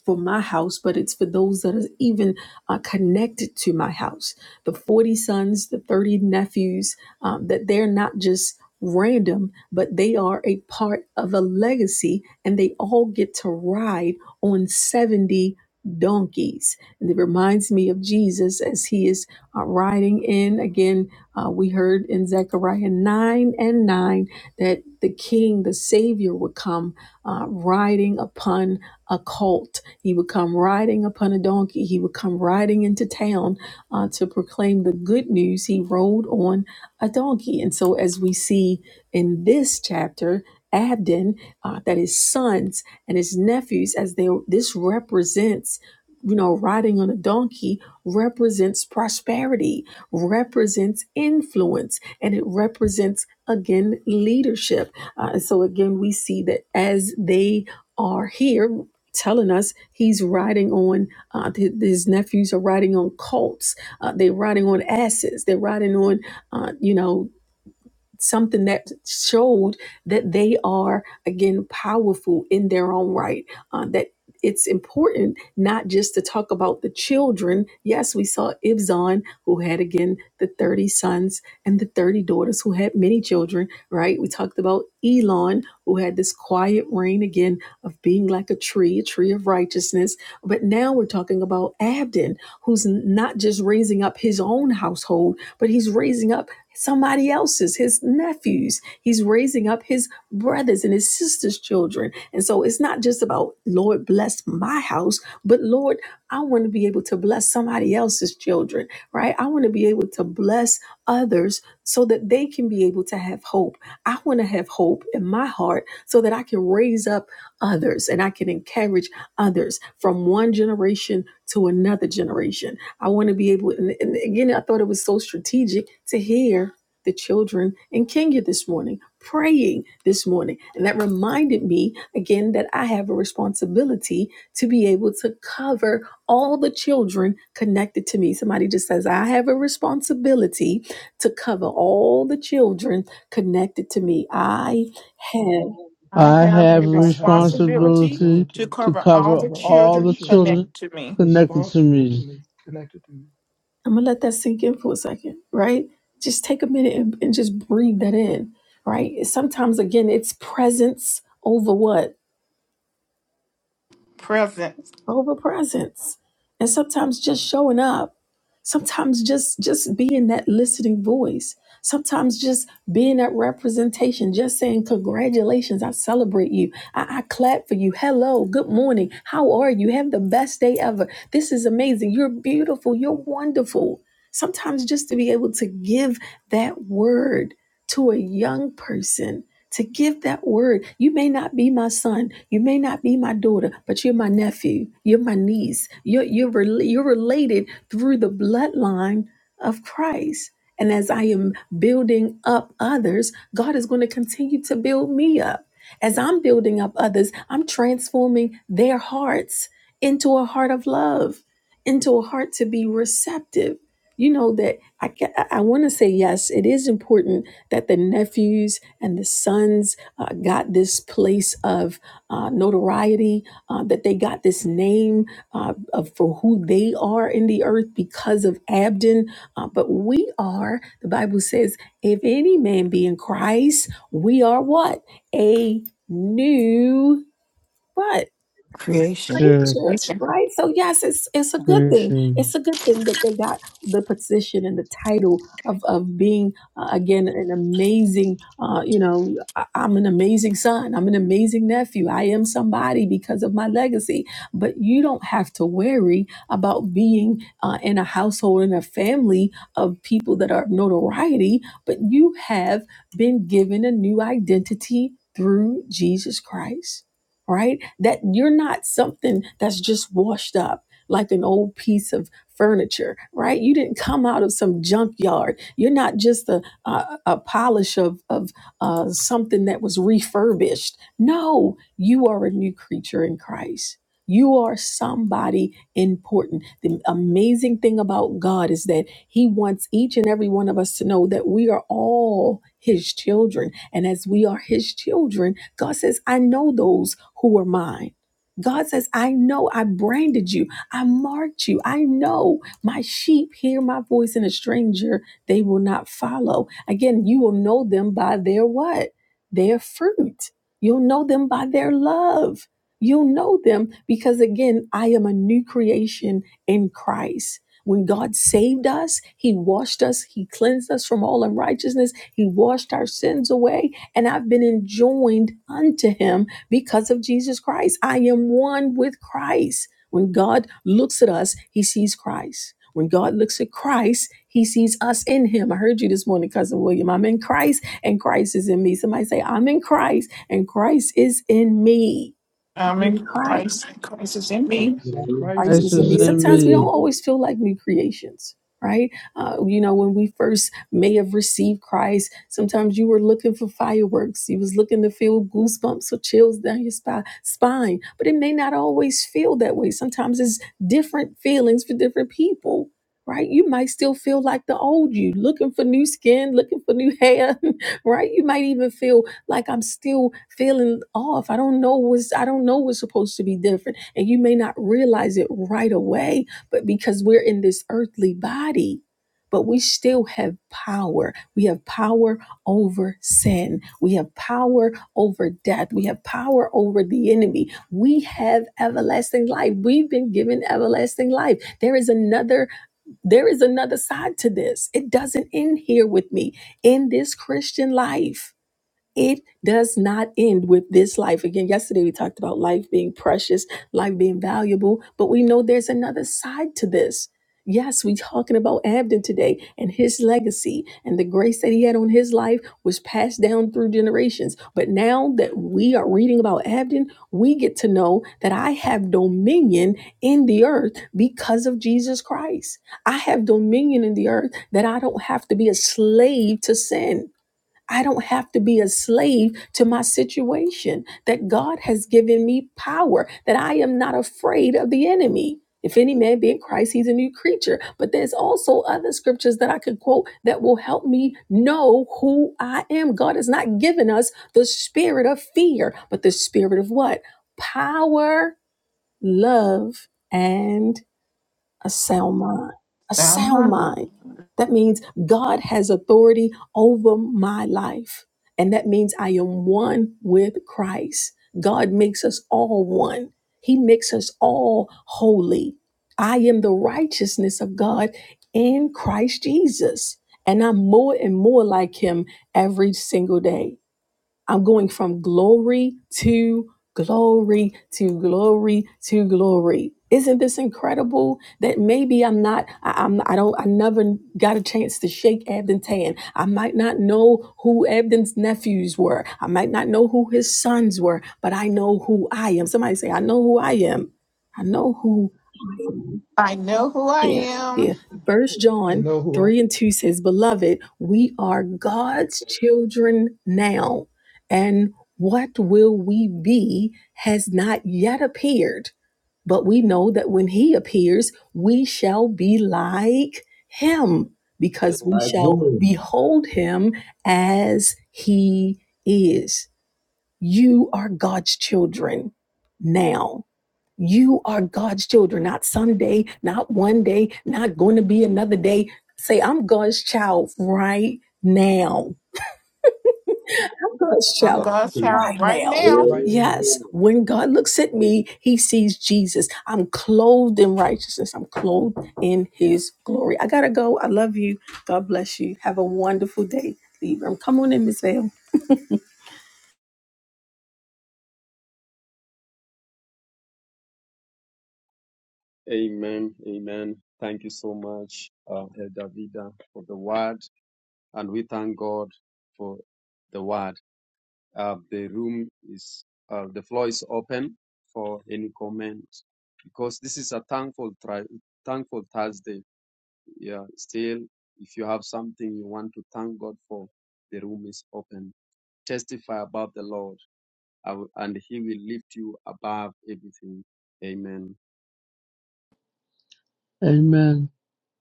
Speaker 12: for my house, but it's for those that are even uh, connected to my house. The 40 sons, the 30 nephews, um, that they're not just random, but they are a part of a legacy and they all get to ride on 70 donkeys. And it reminds me of Jesus as he is uh, riding in. Again, uh, we heard in Zechariah 9 and 9 that the king, the savior, would come uh, riding upon a colt. He would come riding upon a donkey. He would come riding into town uh, to proclaim the good news. He rode on a donkey. And so, as we see in this chapter, Abden, uh, that his sons and his nephews as they this represents you know riding on a donkey represents prosperity represents influence and it represents again leadership Uh, and so again we see that as they are here telling us he's riding on uh, th- his nephews are riding on colts uh, they're riding on asses they're riding on uh, you know something that showed that they are again powerful in their own right uh, that it's important not just to talk about the children yes we saw ibzan who had again the 30 sons and the 30 daughters who had many children right we talked about elon who had this quiet reign again of being like a tree a tree of righteousness but now we're talking about abdon who's not just raising up his own household but he's raising up somebody else's, his nephews. He's raising up his brothers and his sisters' children. And so it's not just about, Lord, bless my house, but Lord, I want to be able to bless somebody else's children, right? I want to be able to bless others so that they can be able to have hope. I want to have hope in my heart so that I can raise up others and I can encourage others from one generation to another generation. I want to be able, and, and again, I thought it was so strategic to hear the children in Kenya this morning praying this morning. And that reminded me again that I have a responsibility to be able to cover all the children connected to me. Somebody just says, I have a responsibility to cover all the children connected to me. I have.
Speaker 5: I
Speaker 10: I
Speaker 5: have
Speaker 10: have
Speaker 5: a
Speaker 10: a
Speaker 2: I have a
Speaker 5: responsibility
Speaker 10: responsibility
Speaker 5: to
Speaker 2: responsibility
Speaker 10: to
Speaker 5: cover
Speaker 2: to
Speaker 5: all
Speaker 10: cover
Speaker 5: the
Speaker 2: cover all
Speaker 10: all
Speaker 2: the
Speaker 10: the
Speaker 5: children
Speaker 10: children
Speaker 2: children
Speaker 5: connected to me.
Speaker 10: connected to
Speaker 2: responsible to
Speaker 10: me.
Speaker 2: me, connected to me.
Speaker 12: I'm gonna let that sink in for a second, right? Just take a minute and, and just breathe that in, right? Sometimes, again, it's presence over what?
Speaker 5: Present.
Speaker 12: over presence and sometimes just showing up sometimes just just being that listening voice sometimes just being that representation just saying congratulations i celebrate you I, I clap for you hello good morning how are you have the best day ever this is amazing you're beautiful you're wonderful sometimes just to be able to give that word to a young person to give that word. You may not be my son, you may not be my daughter, but you're my nephew, you're my niece, you're, you're, rel- you're related through the bloodline of Christ. And as I am building up others, God is going to continue to build me up. As I'm building up others, I'm transforming their hearts into a heart of love, into a heart to be receptive. You know that I, ca- I want to say yes. It is important that the nephews and the sons uh, got this place of uh, notoriety uh, that they got this name uh, of for who they are in the earth because of Abden. Uh, but we are, the Bible says, if any man be in Christ, we are what a new what
Speaker 11: Creation.
Speaker 2: Asia.
Speaker 10: To
Speaker 12: preacher, right? So yes, it's it's a good thing.
Speaker 10: creation.
Speaker 12: It's a good thing that they got the position and the title of of being uh, again an amazing. Uh, you know, I, I'm an amazing son. I'm an amazing nephew. I am somebody because of my legacy. But you don't have to worry about being uh, in a household in a family of people that are of notoriety. But you have been given a new identity through Jesus Christ right? That you're not something that's just washed up like an old piece of furniture, right? You didn't come out of some junkyard. You're not just a, a, a polish of, of uh, something that was refurbished. No, you are a new creature in Christ. You are somebody important. The amazing thing about God is that He wants each and every one of us to know that we are all His children. And as we are His children, God says, I know those who are mine. God says, I know I branded you. I marked you. I know my sheep hear my voice and a stranger they will not follow. Again, you will know them by their what? Their fruit. You'll know them by their love. You'll know them because, again, I am a new creation in Christ. When God saved us, He washed us, He cleansed us from all unrighteousness, He washed our sins away, and I've been enjoined unto Him because of Jesus Christ. I am one with Christ. When God looks at us, He sees Christ. When God looks at Christ, He sees us in Him. I heard you this morning, Cousin William. I'm in Christ, and Christ is in me. Somebody say, I'm in Christ, and Christ is in me
Speaker 5: I'm in
Speaker 12: new Christ.
Speaker 5: Christ. Christ is in me.
Speaker 9: There's Hope
Speaker 2: Say, Christ
Speaker 12: Christ
Speaker 10: Christ
Speaker 2: is
Speaker 12: is in
Speaker 10: is
Speaker 2: in
Speaker 12: me.
Speaker 9: for
Speaker 2: me.
Speaker 10: in
Speaker 12: Sometimes we
Speaker 9: the
Speaker 12: don't
Speaker 10: me.
Speaker 12: always feel like new creations, right? Uh, you know, when we first may have received Christ, sometimes you were looking for fireworks. You was looking to feel goosebumps or chills down your spi- spine, but it may not always feel that way. Sometimes it's different feelings for different people. Right, you might still feel like the old you, looking for new skin, looking for new hair. Right, you might even feel like I'm still feeling off. I don't know what's I don't know what's supposed to be different and you may not realize it right away, but because we're in this earthly body, but we still have power. We have power over sin. We have power over death. We have power over the enemy. We have everlasting life. We've been given everlasting life. There is another there is another side to this. It doesn't end here with me in this Christian life. It does not end with this life. Again, yesterday we talked about life being precious, life being valuable, but we know there's another side to this. Yes, we're talking about Abden today and his legacy and the grace that he had on his life was passed down through generations. But now that we are reading about Abden, we get to know that I have dominion in the earth because of Jesus Christ. I have dominion in the earth that I don't have to be a slave to sin. I don't have to be a slave to my situation, that God has given me power, that I am not afraid of the enemy. If any man be in Christ, he's a new creature. But there's also other scriptures that I could quote that will help me know who I am. God has not given us the spirit of fear, but the spirit of what? Power, love, and a sound mind. A
Speaker 5: I'm
Speaker 12: sound
Speaker 5: hungry.
Speaker 12: mind. That means God has authority over my life. And that means I am one with Christ. God makes us all one, He makes us all holy. I am the righteousness of God in Christ Jesus. And I'm more and more like Him every single day. I'm going from glory to glory to glory to glory. Isn't this incredible that maybe I'm not, I, I'm, I don't, I never got a chance to shake Abden Tan. I might not know who Abden's nephews were. I might not know who his sons were, but I know who I am. Somebody say, I know who I am. I know who I am.
Speaker 5: I know who I
Speaker 12: Yeah, yeah.
Speaker 5: am.
Speaker 12: First
Speaker 2: I
Speaker 12: John
Speaker 2: know who I
Speaker 12: 3 and 2 says, Beloved, we are God's children now, and what will we be has not yet appeared. But we know that when he appears, we shall be like him,
Speaker 9: night.
Speaker 12: because we
Speaker 9: Like
Speaker 12: shall
Speaker 9: him.
Speaker 12: behold him as he is. You are God's children now. You are God's children, not someday, not one day, not going to be another day. Say, I'm God's child right now. I'm God's
Speaker 5: I'm
Speaker 9: Like
Speaker 12: child
Speaker 2: am
Speaker 5: God's
Speaker 9: him.
Speaker 12: right
Speaker 5: child right
Speaker 12: now.
Speaker 5: now.
Speaker 2: right
Speaker 9: Like
Speaker 2: now.
Speaker 9: him.
Speaker 12: Yes, when God looks at me, he sees Jesus. I'm clothed in righteousness. I'm clothed in his glory. I got to go. I love you. God bless you. Have a wonderful day, Libra. Come on in, Miss Vale. Thank
Speaker 1: Amen. Amen. Thank you so much, uh, Elder Vida, for the word. And we thank God for the word. Uh, the room is, uh, the floor is open for any comment because this is a thankful, tri- thankful Thursday. Yeah. Still, if you have something you want to thank God for, the room is open. Testify about the Lord I will- and he will lift you above everything. Amen.
Speaker 10: Amen.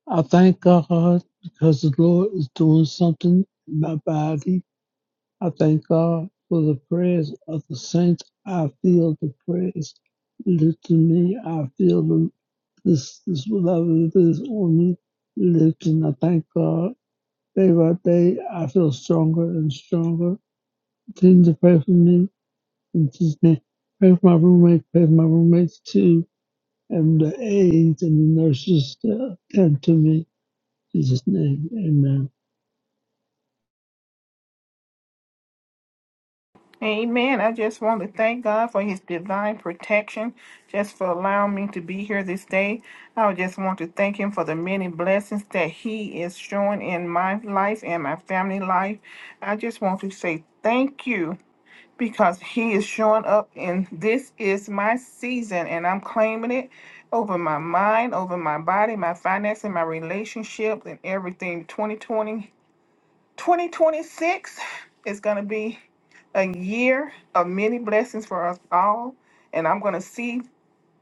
Speaker 10: I thank God because the Lord is doing something in my body. I thank God for the prayers of the saints. I feel the prayers lifting me. I feel the, this, this love is on me lifting. I thank God. Day by day, I feel stronger and stronger. Continue to pray for me. And just pray for my roommate. Pray for my roommates too and the aides and the nurses to attend to me. In Jesus' name, amen.
Speaker 5: Amen. I just want to thank God for his divine protection, just for allowing me to be here this day. I would just want to thank him for the many blessings that he is showing in my life and my family life. I just want to say thank you. because he is showing up and this is my season and I'm claiming it over my mind, over my body, my finances, my relationship and everything. 2020 2026 is going to be a year of many blessings for us all and I'm going to see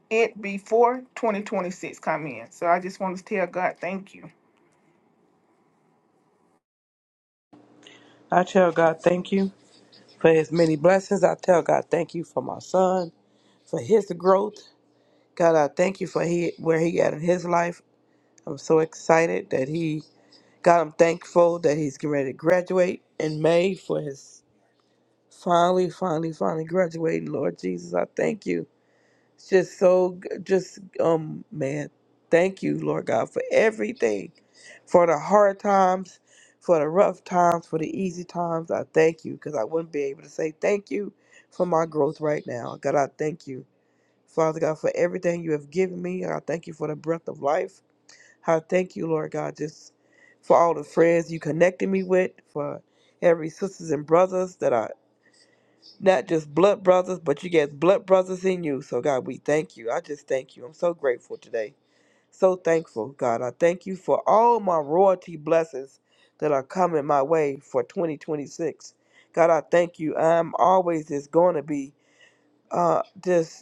Speaker 5: it before 2026 come in. So I just want to tell God thank you.
Speaker 7: I tell God thank you for his many blessings. I tell God thank you for my son, for his growth. God, I thank you for he, where he at in his life. I'm so excited that he, God, I'm thankful that he's getting ready to graduate in May for his finally, finally, finally graduating. Lord Jesus, I thank you. It's just so, g- just, um, man, thank you, Lord God, for everything, for the hard times, for the rough times, for the easy times. I thank you because I wouldn't be able to say thank you for my growth right now. God, I thank you. Father God, for everything you have given me. I thank you for the breath of life. I thank you, Lord God, just for all the friends you connected me with, for every sisters and brothers that are not just blood brothers, but you get blood brothers in you. So God, we thank you. I just thank you. I'm so grateful today. So thankful, God. I thank you for all my royalty blessings that are coming my way for 2026. God, I thank you. I'm always just going to be uh, just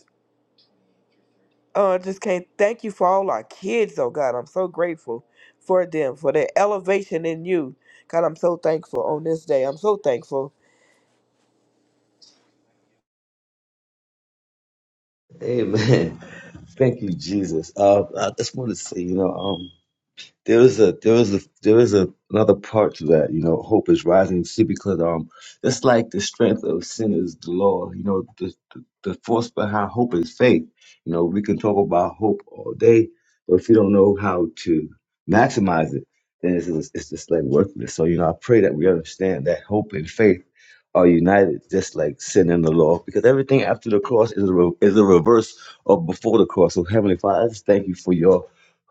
Speaker 7: Oh, I just can't thank you for all our kids, oh God. I'm so grateful for them, for their elevation in you. God, I'm so thankful on this day. I'm so thankful.
Speaker 9: Amen. Thank you, Jesus. Uh, I just want to say, you know, um, there was a there was a there is a, another part to that you know hope is rising see because um it's like the strength of sin is the law you know the, the the force behind hope is faith you know we can talk about hope all day but if you don't know how to maximize it then it's just, it's just like worthless so you know i pray that we understand that hope and faith are united just like sin and the law because everything after the cross is a, re- is a reverse of before the cross so heavenly father i just thank you for your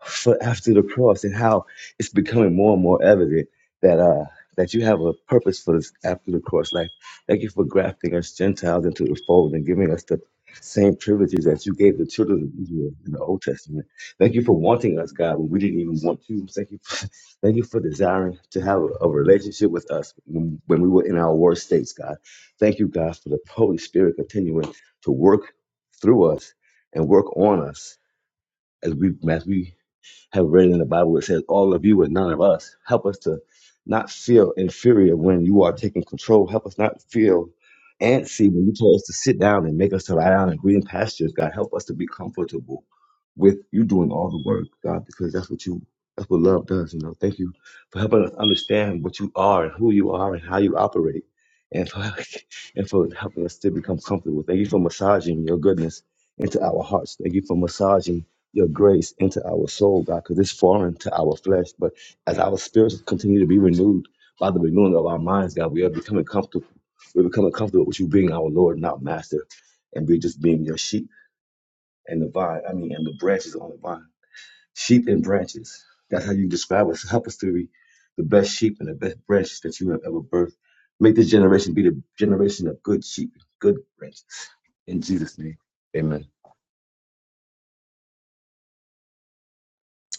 Speaker 9: for after the cross and how it's becoming more and more evident that uh that you have a purpose for this after the cross. Like thank you for grafting us Gentiles into the fold and giving us the same privileges that you gave the children of Israel in the Old Testament. Thank you for wanting us, God, when we didn't even want to. Thank you, for, thank you for desiring to have a, a relationship with us when, when we were in our worst states, God. Thank you, God, for the Holy Spirit continuing to work through us and work on us as we as we have read in the Bible it says, All of you and none of us. Help us to not feel inferior when you are taking control. Help us not feel antsy when you told us to sit down and make us to lie down in green pastures. God, help us to be comfortable with you doing all the work, God, because that's what you that's what love does, you know. Thank you for helping us understand what you are and who you are and how you operate. And for and for helping us to become comfortable. Thank you for massaging your goodness into our hearts. Thank you for massaging your grace into our soul, God, because it's foreign to our flesh. But as our spirits continue to be renewed by the renewing of our minds, God, we are becoming comfortable. We're becoming comfortable with you being our Lord, not master, and we're just being your sheep and the vine. I mean, and the branches on the vine. Sheep and branches. That's how you describe us. Help us to be the best sheep and the best branches that you have ever birthed. Make this generation be the generation of good sheep, good branches. In Jesus' name, amen.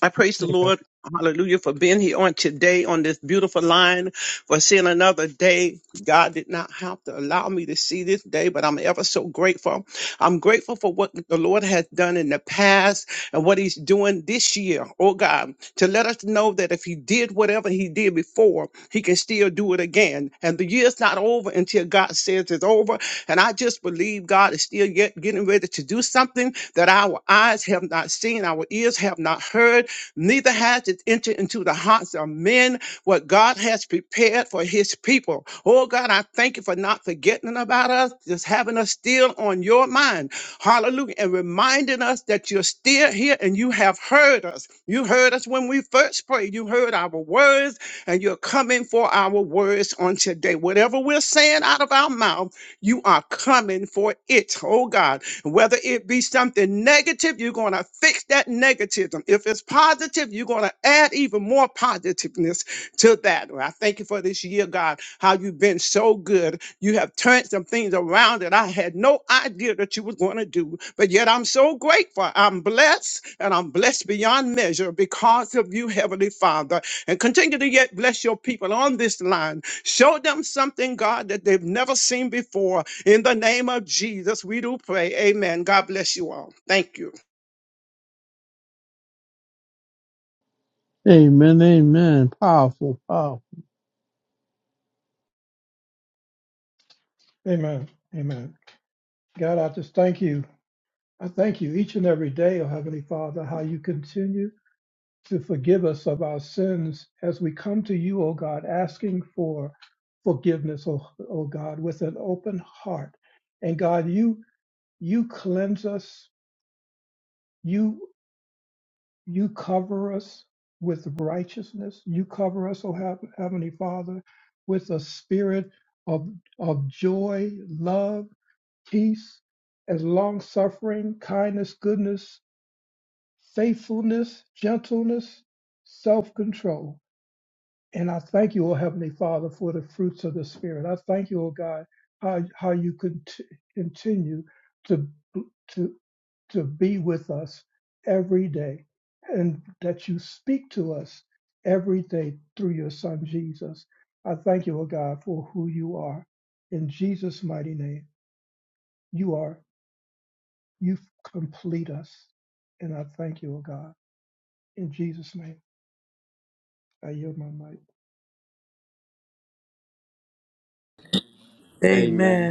Speaker 14: I praise the
Speaker 2: Amen.
Speaker 14: Lord, hallelujah, for being here on today on this beautiful line, for seeing another day. God did not have to allow me to see this day, but I'm ever so grateful. I'm grateful for what the Lord has done in the past and what he's doing this year, oh God, to let us know that if he did whatever he did before, he can still do it again. And the year's not over until God says it's over. And I just believe God is still yet getting ready to do something that our eyes have not seen, our ears have not heard, neither has it entered into the hearts of men what God has prepared for his people. Oh God, I thank you for not forgetting about us, just having us still on your mind. Hallelujah. And reminding us that you're still here and you have heard us. You heard us when we first prayed. You heard our words and you're coming for our words on today. Whatever we're saying out of our mouth, you are coming for it. Oh God, whether it be something negative, you're going to fix that negativism. If it's positive, you're going to add even more positiveness to that. Lord. I thank you for this year, God, how you've been so good. You have turned some things around that I had no idea that you was going to do. But yet I'm so grateful. I'm blessed and I'm blessed beyond measure because of you, Heavenly Father. And continue to yet bless your people on this line. Show them something, God, that they've never seen before. In the name of Jesus, we do pray. Amen. God bless you all. Thank you.
Speaker 10: Amen, amen. Powerful, powerful.
Speaker 2: Amen. Amen. God, I just thank you. I thank you each and every day, oh Heavenly Father, how you continue to forgive us of our sins as we come to you, oh God, asking for forgiveness, oh, oh God, with an open heart. And God, you you cleanse us. You you cover us with righteousness. You cover us, O Hea- Heavenly Father, with a spirit of, of joy, love, peace, as long suffering, kindness, goodness, faithfulness, gentleness, self control. And I thank you, O Heavenly Father, for the fruits of the Spirit. I thank you, O God, how, how you cont- continue to, to, to be with us every day and that you speak to us every day through your Son, Jesus. I thank you, O God, for who you are. In Jesus' mighty name, you are, you complete us. And I thank you, O God. In Jesus' name, I yield my mic.
Speaker 1: Amen.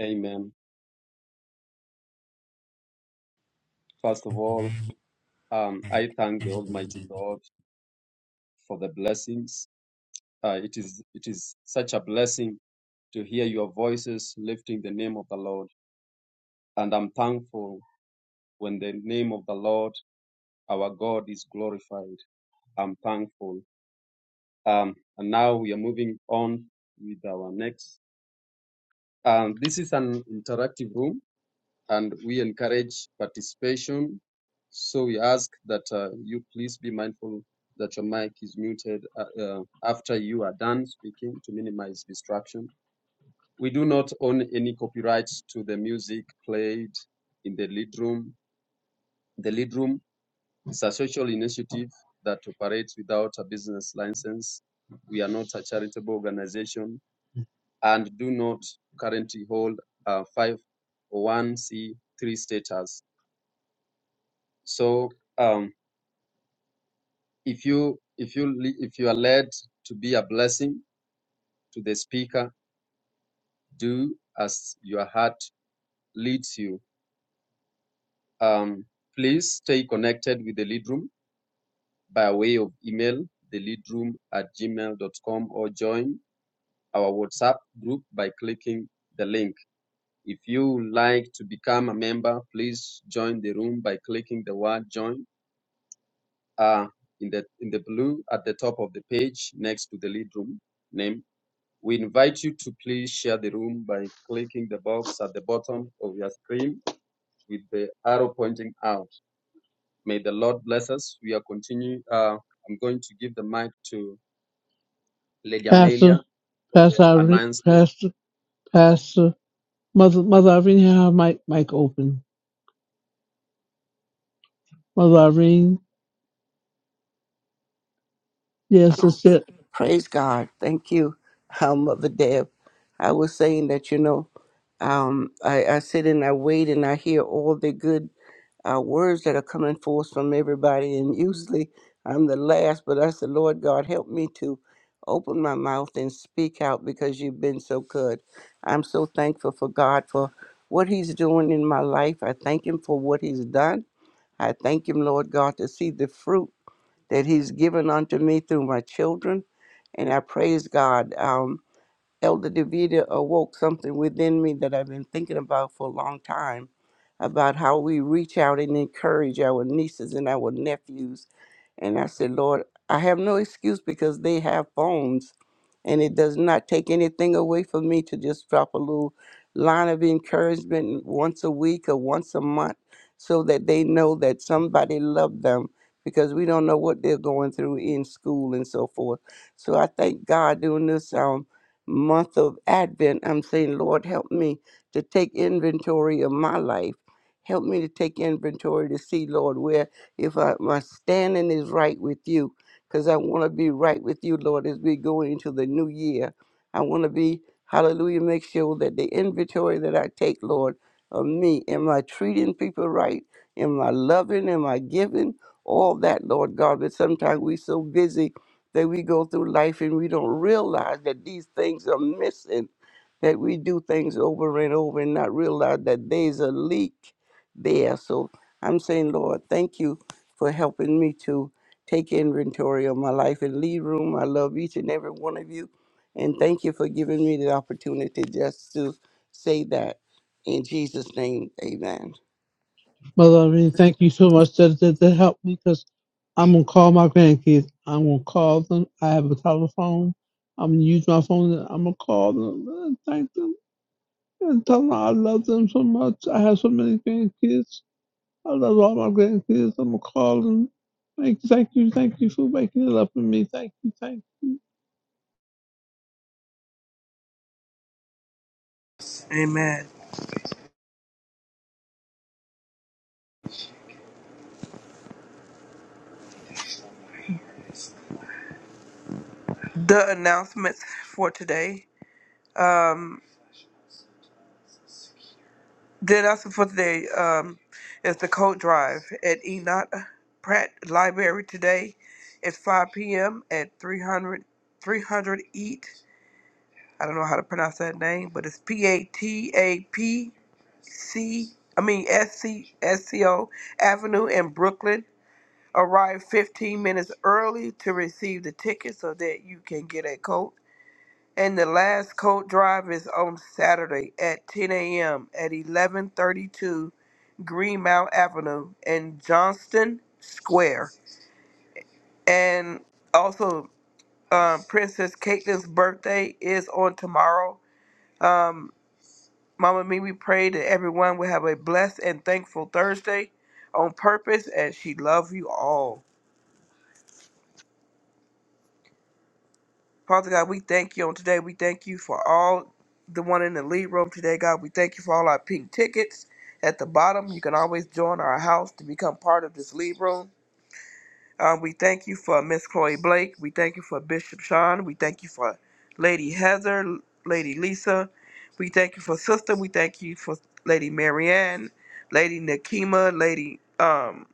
Speaker 1: Amen. First of all, Um, I thank the Almighty God for the blessings. Uh, it is it is such a blessing to hear your voices lifting the name of the Lord, and I'm thankful when the name of the Lord, our God, is glorified. I'm thankful. Um, and now we are moving on with our next. Um, this is an interactive room. and we encourage participation. So we ask that uh, you please be mindful that your mic is muted uh, uh, after you are done speaking to minimize distraction. We do not own any copyrights to the music played in the lead room. The lead room is a social initiative that operates without a business license. We are not a charitable organization and do not currently hold a 501c3 status So um, if you if you le- if you are led to be a blessing to the speaker, do as your heart leads you. Um, please stay connected with the lead room by way of email the lead room at gmail.com or join our WhatsApp group by clicking the link. If you like to become a member, please join the room by clicking the word join uh, in the in the blue at the top of the page next to the lead room name We invite you to please share the room by clicking the box at the bottom of your screen with the arrow pointing out. May the Lord bless us. We are continuing. Uh, I'm going to give the mic to Lady
Speaker 10: Pastor,
Speaker 1: Amelia for the
Speaker 10: Pastor, Irene,
Speaker 1: announcement.
Speaker 10: Pastor, Pastor, Mother, Mother Irene, you have my mic open. Mother Irene, yes, that's it.
Speaker 13: Praise God. Thank you, um, Mother Deb. I was saying that, you know, um, I, I sit and I wait and I hear all the good uh, words that are coming forth from everybody. And usually I'm the last, but I said, Lord God, help me to open my mouth and speak out because you've been so good. I'm so thankful for God for what He's doing in my life. I thank Him for what He's done. I thank Him, Lord God, to see the fruit that He's given unto me through my children. And I praise God. Um, Elder Davida awoke something within me that I've been thinking about for a long time about how we reach out and encourage our nieces and our nephews and I said, Lord, I have no excuse because they have phones. And it does not take anything away from me to just drop a little line of encouragement once a week or once a month so that they know that somebody loved them because we don't know what they're going through in school and so forth. So I thank God during this um, month of Advent, I'm saying, Lord, help me to take inventory of my life. Help me to take inventory to see, Lord, where if I, my standing is right with you, because I want to be right with you, Lord, as we go into the new year. I want to be, hallelujah, make sure that the inventory that I take, Lord, of me, am I treating people right? Am I loving? Am I giving? All that, Lord God, but sometimes we so busy that we go through life and we don't realize that these things are missing, that we do things over and over and not realize that there's a leak there. So I'm saying, Lord, thank you for helping me to take inventory of my life and lead room. I love each and every one of you. And thank you for giving me the opportunity just to say that. In Jesus' name, amen.
Speaker 10: Mother Irene, thank you so much that that, that helped me because I'm gonna call my grandkids. I'm gonna call them. I have a telephone. I'm gonna use my phone. I'm gonna call them. Thank them. And Tom, I love them so much. I have so many grandkids. I love all my grandkids. I'm gonna call them. Thank you, thank you, thank you for making it up for me. Thank you, thank you.
Speaker 7: Amen. The announcements for today. Um, the announcement for today um, is the coat drive at Enoch Pratt Library today. It's 5 p.m. at 300, 300 EAT. don't know how to pronounce that name, but it's P A T A P. C, I mean S. C. S. C. O. Avenue in Brooklyn. Arrive 15 minutes early to receive the ticket so that you can get a coat. And the last coat drive is on Saturday at 10 a.m. at 1132 Greenmount Avenue in Johnston Square. And also, um, Princess Caitlin's birthday is on tomorrow. Um. Mama Me, we pray that everyone will have a blessed and thankful Thursday on purpose, and she loves you all. Father God, we thank you on today. We thank you for all the one in the lead room today, God. We thank you for all our pink tickets at the bottom. You can always join our house to become part of this lead room. Um, we thank you for Miss Chloe Blake. We thank you for Bishop Sean. We thank you for Lady Heather, Lady Lisa. We thank you for Sister. We thank you for Lady Marianne, Lady Nakima, Lady. um,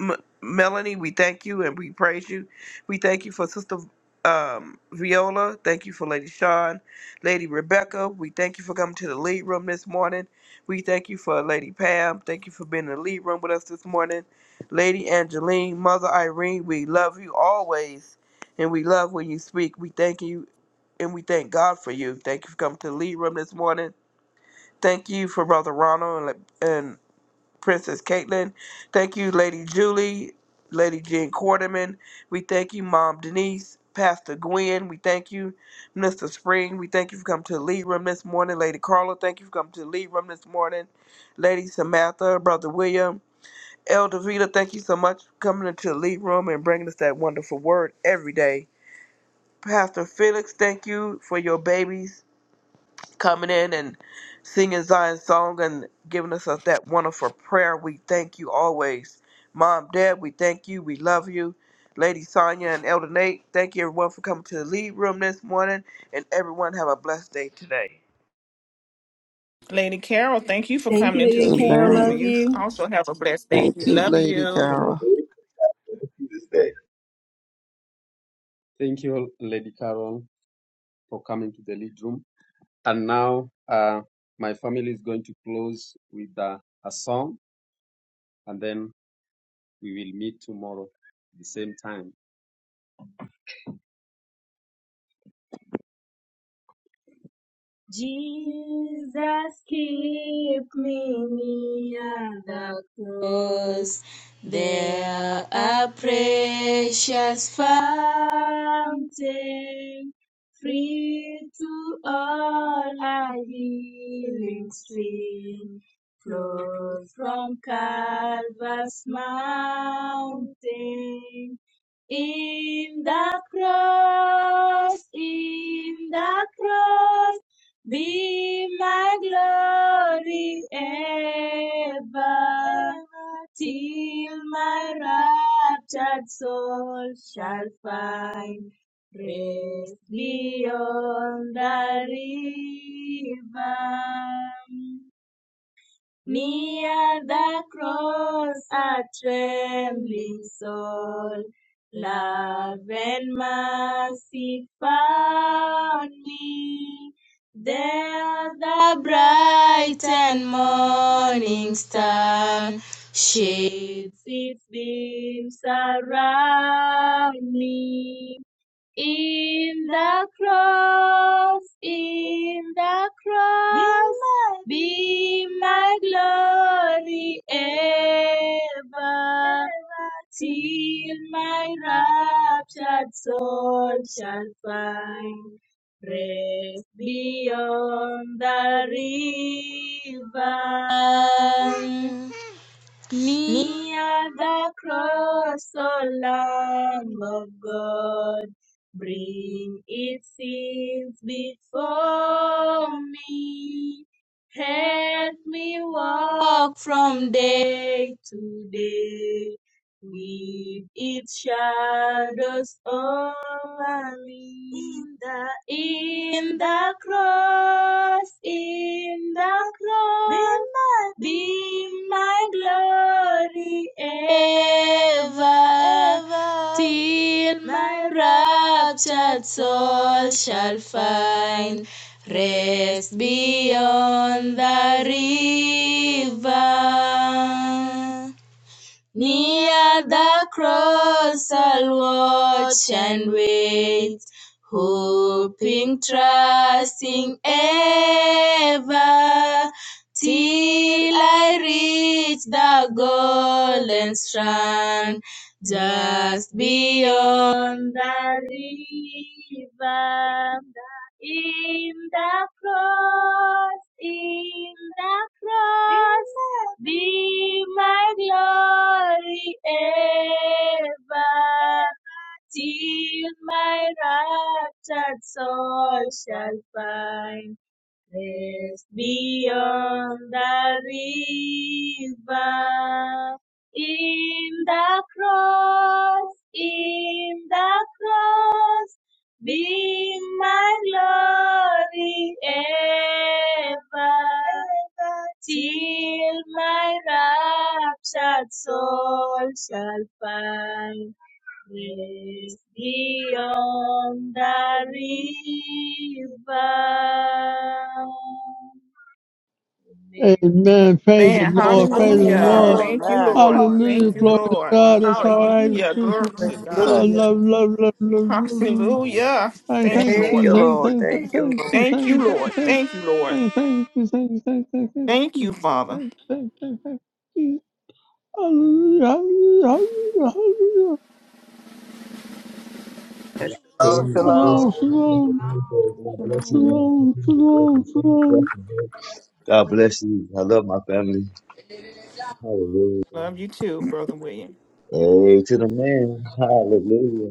Speaker 7: M- Melanie, we thank you and we praise you. We thank you for Sister um, Viola. Thank you for Lady Sean, Lady Rebecca. We thank you for coming to the lead room this morning. We thank you for Lady Pam. Thank you for being in the lead room with us this morning. Lady Angeline, Mother Irene, we love you always and we love when you speak. We thank you and we thank God for you. Thank you for coming to the lead room this morning. Thank you for Brother Ronald and. Princess Caitlin. Thank you, Lady Julie, Lady Jean Quarterman. We thank you, Mom Denise, Pastor Gwen. We thank you, Mr. Spring. We thank you for coming to the lead room this morning. Lady Carla, thank you for coming to the lead room this morning. Lady Samantha, Brother William. Elder Vita, thank you so much for coming into the lead room and bringing us that wonderful word every day. Pastor Felix, thank you for your babies coming in and singing Zion's song and giving us us that wonderful prayer. We thank you always. Mom, Dad, we thank you. We love you. Lady Sonia and Elder Nate, thank you everyone for coming to the lead room this morning. And everyone have a blessed day today.
Speaker 5: Lady Carol, thank you for coming
Speaker 12: you,
Speaker 5: into the
Speaker 12: Lady
Speaker 5: lead
Speaker 12: Carol.
Speaker 5: room
Speaker 13: Amen.
Speaker 5: and
Speaker 12: Love
Speaker 5: you
Speaker 12: you.
Speaker 5: also have a blessed day.
Speaker 13: Thank
Speaker 5: We
Speaker 13: you,
Speaker 5: love
Speaker 13: Lady
Speaker 5: you.
Speaker 13: Carol.
Speaker 9: This day.
Speaker 1: Thank you, Lady Carol, for coming to the lead room. And now uh, my family is going to close with uh, a song, and then we will meet tomorrow at the same time. Jesus, keep me near the cross. There a precious fountain, free to all a healing stream, flows from Calvary's mountain. In the cross, in the cross, be my glory ever, till my raptured soul shall find rest beyond the river. Near the cross, a trembling soul, love and mercy found me. There, the bright and morning star sheds its beams around me. In the cross, in the cross, be my be my glory ever, till my raptured soul shall find rest beyond the river. Near the cross, O Lamb of God, bring its sins before me. Help me walk from day to day with its shadows over me in the in the cross, in the cross, be my glory ever, ever, till my raptured soul shall find rest beyond the river. Near the cross I'll watch and wait, hoping, trusting ever, till I reach the golden strand, just beyond the river. In the cross, in the cross, be my glory ever, till my raptured soul shall find. Rest beyond the river, in the cross, in the cross, be my glory ever, till my raptured soul shall find. Praise beyond the river. Amen.
Speaker 10: Amen. Praise the
Speaker 5: Man,
Speaker 10: Lord. Praise the
Speaker 5: hallelujah.
Speaker 10: Lord.
Speaker 5: Thank you,
Speaker 13: Amen.
Speaker 5: Lord.
Speaker 10: Hallelujah.
Speaker 5: Thank
Speaker 2: Amen.
Speaker 5: you,
Speaker 10: Glory to
Speaker 5: Lord.
Speaker 10: God. That's all right. It's
Speaker 5: Hallelujah. Glory
Speaker 10: beautiful.
Speaker 5: to
Speaker 10: Oh,
Speaker 5: God.
Speaker 10: love, love, love, love, love, love.
Speaker 5: Hallelujah.
Speaker 10: Thank,
Speaker 5: Thank
Speaker 10: thank
Speaker 5: you,
Speaker 7: Thank
Speaker 5: Lord.
Speaker 10: you,
Speaker 7: you,
Speaker 10: thank,
Speaker 7: Lord.
Speaker 10: thank, thank,
Speaker 7: Thank you,
Speaker 10: thank you,
Speaker 5: Thank you,
Speaker 10: thank, thank,
Speaker 5: Lord.
Speaker 10: thank,
Speaker 5: Thank you, Lord.
Speaker 10: thank, thank you, thank you, thank, thank, thank
Speaker 5: Thank
Speaker 10: you,
Speaker 5: you, Father.
Speaker 10: thank, thank, thank, thank you. hallelujah, hallelujah, hallelujah.
Speaker 7: Lord. Shalom.
Speaker 9: Hallelujah. God bless
Speaker 7: shalom.
Speaker 10: shalom,
Speaker 9: you. on a thankful
Speaker 10: shalom,
Speaker 9: Thursday. God bless you all.
Speaker 10: shalom,
Speaker 9: Continue to work
Speaker 10: shalom,
Speaker 9: in faith,
Speaker 10: shalom.
Speaker 9: walk in hope. God bless you. I love my family. Hallelujah.
Speaker 5: Love you too, Brother William.
Speaker 9: Hey, to the man. Hallelujah.